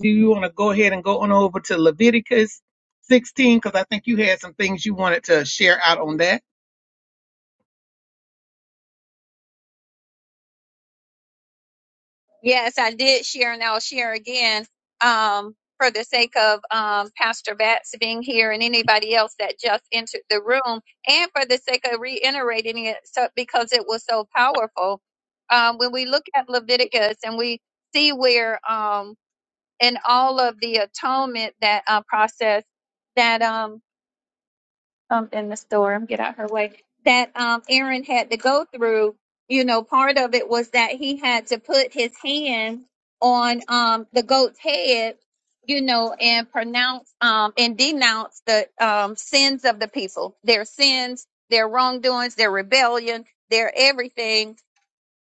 A: Do you want to go ahead and go on over to Leviticus 16? Because I think you had some things you wanted to share out on that.
B: Yes, I did share, and I'll share again um, for the sake of um, Pastor Batts being here and anybody else that just entered the room, and for the sake of reiterating it so, because it was so powerful. Um, when we look at Leviticus and we see where um, in all of the atonement that uh, process that um, um in the storm, get out her way, that um Aaron had to go through, you know, part of it was that he had to put his hand on um the goat's head, you know, and pronounce um and denounce the um sins of the people, their sins, their wrongdoings, their rebellion, their everything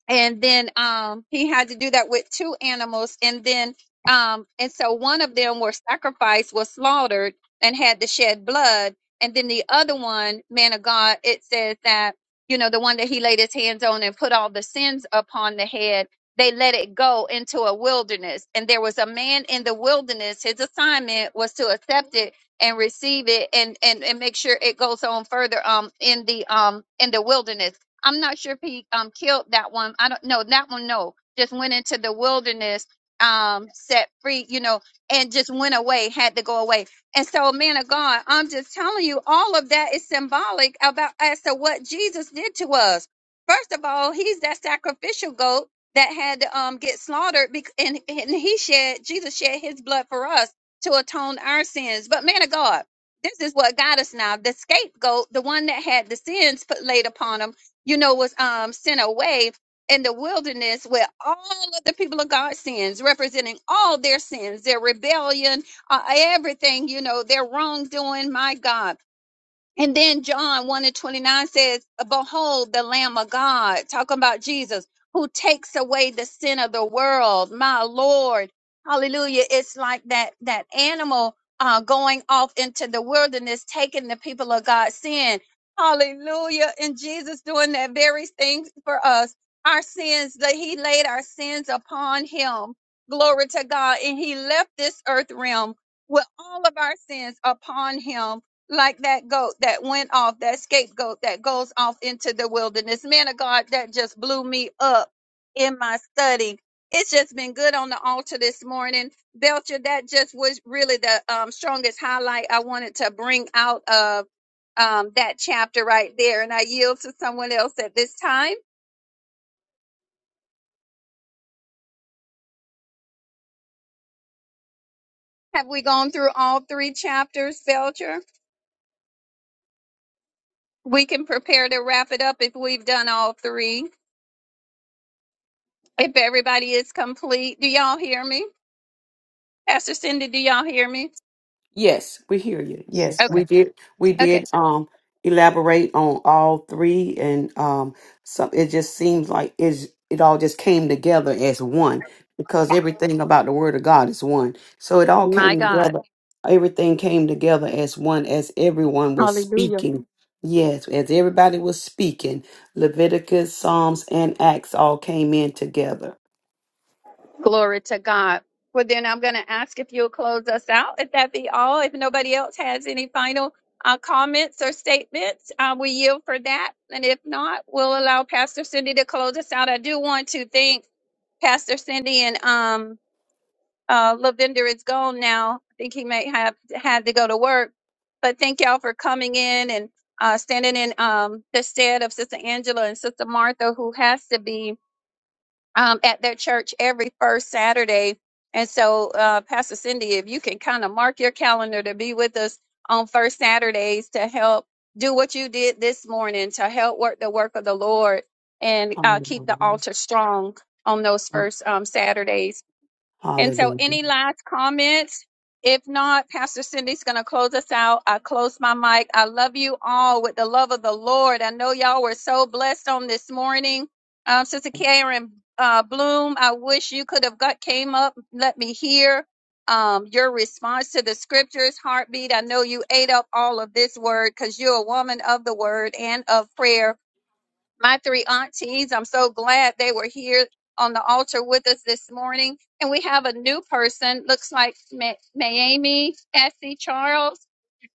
B: and then um he had to do that with two animals and then um and so one of them were sacrificed was slaughtered and had to shed blood and then the other one man of god it says that you know the one that he laid his hands on and put all the sins upon the head they let it go into a wilderness and there was a man in the wilderness his assignment was to accept it and receive it and and, and make sure it goes on further um in the um in the wilderness I'm not sure if he um killed that one. I don't know that one. No, just went into the wilderness, um, set free, you know, and just went away. Had to go away. And so, man of God, I'm just telling you, all of that is symbolic about as to what Jesus did to us. First of all, he's that sacrificial goat that had to um get slaughtered, bec- and and he shed Jesus shed his blood for us to atone our sins. But man of God. This is what got us now. The scapegoat, the one that had the sins put laid upon him you know, was um, sent away in the wilderness where all of the people of God sins, representing all their sins, their rebellion, uh, everything, you know, their wrongdoing. My God. And then John 1 and 29 says, Behold the Lamb of God, talking about Jesus, who takes away the sin of the world. My Lord. Hallelujah. It's like that that animal uh, going off into the wilderness, taking the people of God's sin. Hallelujah. And Jesus doing that very thing for us. Our sins, that he laid our sins upon him. Glory to God. And he left this earth realm with all of our sins upon him like that goat that went off, that scapegoat that goes off into the wilderness. Man of God, that just blew me up in my study. It's just been good on the altar this morning. Belcher, that just was really the um, strongest highlight I wanted to bring out of um, that chapter right there. And I yield to someone else at this time. Have we gone through all three chapters, Belcher? We can prepare to wrap it up if we've done all three. If everybody is complete, do y'all hear me? Pastor Cindy, do y'all hear me?
D: Yes, we hear you.
E: Hear you.
D: Yes,
E: Yep.
B: Okay.
D: we did. We
B: Okay.
D: did um elaborate on all three, and um, some it just seems like is it all just came together as one because everything about the Word of God is one. So it all
B: My
D: came
B: God.
D: together. Everything came together as one, as everyone was speaking. Yes, as everybody was speaking, Leviticus, Psalms, and Acts all came in together.
B: Glory to God. Well, then I'm going to ask if you'll close us out, if that be all. If nobody else has any final uh, comments or statements, uh, we yield for that. And if not, we'll allow Pastor Cindy to close us out. I do want to thank Pastor Cindy and um, Uh, Lavender is gone now. I think he may have had to go to work. But thank y'all for coming in and uh, standing in um, the stead of Sister Angela and Sister Martha, who has to be um, at their church every first Saturday. And so, uh, Pastor Cindy, if you can kind of mark your calendar to be with us on first Saturdays to help do what you did this morning to help work the work of the Lord and uh, keep the
D: Hallelujah.
B: altar strong on those first um, Saturdays. And so,
D: Hallelujah.
B: any last comments? If not, Pastor Cindy's going to close us out. I close my mic. I love you all with the love of the Lord. I know y'all were so blessed on this morning. Um, Sister Karen uh, Bloom, I wish you could have got came up. Let me hear um, your response to the scriptures, heartbeat. I know you ate up all of this word because you're a woman of the word and of prayer my three aunties. I'm so glad they were here on the altar with us this morning. And we have a new person, looks like Ma- Miami Essie Charles.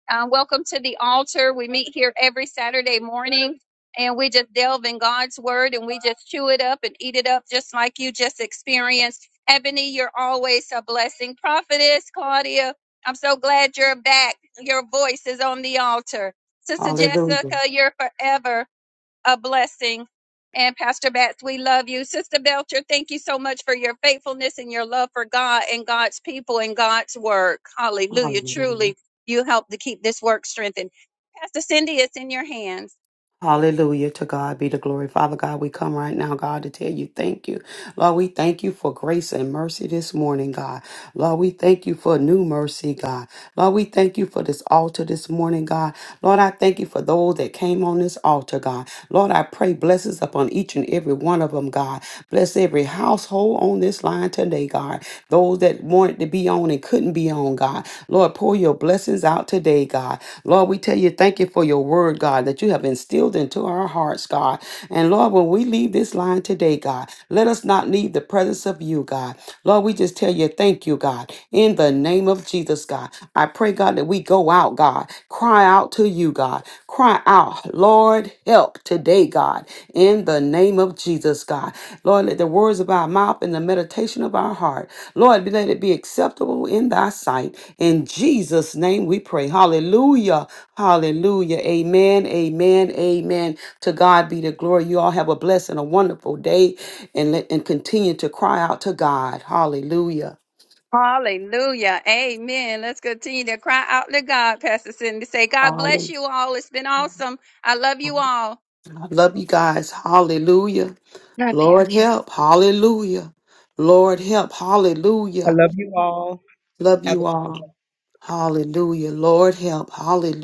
B: Uh, welcome to the altar. We meet here every Saturday morning and we just delve in God's word and we just chew it up and eat it up, just like you just experienced. Ebony, you're always a blessing. Prophetess Claudia, I'm so glad you're back. Your voice is on the altar. Sister
D: Hallelujah.
B: Jessica, you're forever a blessing. And Pastor Batts, we love you. Sister Belcher, thank you so much for your faithfulness and your love for God and God's people and God's work. Hallelujah.
D: Hallelujah.
B: Truly, you help to keep this work strengthened. Pastor Cindy, it's in your hands.
D: Hallelujah. To God be the glory. Father God, we come right now, God, to tell you thank you. Lord, we thank you for grace and mercy this morning, God. Lord, we thank you for new mercy, God. Lord, we thank you for this altar this morning, God. Lord, I thank you for those that came on this altar, God. Lord, I pray blessings upon each and every one of them, God. Bless every household on this line today, God. Those that wanted to be on and couldn't be on, God. Lord, pour your blessings out today, God. Lord, we tell you thank you for your word, God, that you have instilled into our hearts, God. And Lord, when we leave this line today, God, let us not leave the presence of you, God. Lord, we just tell you thank you, God. In the name of Jesus, God, I pray, God, that we go out, God, cry out to you, God cry out, Lord, help today, God, in the name of Jesus, God. Lord, let the words of our mouth and the meditation of our heart, Lord, let it be acceptable in thy sight. In Jesus' name we pray. Hallelujah. Hallelujah. Amen. Amen. Amen. To God be the glory. You all have a blessed and a wonderful day and let and continue to cry out to God. Hallelujah.
B: Hallelujah. Amen. Let's continue to cry out to God, Pastor Cindy. Say, God bless
D: Hallelujah.
B: you all. It's been awesome. I love you all.
D: I love you guys. Hallelujah. Lord help. Hallelujah. Lord help.
E: I
D: Hallelujah.
E: love you all.
D: Love
E: Have
D: you
E: a
D: all. Hallelujah. Lord help. Hallelujah.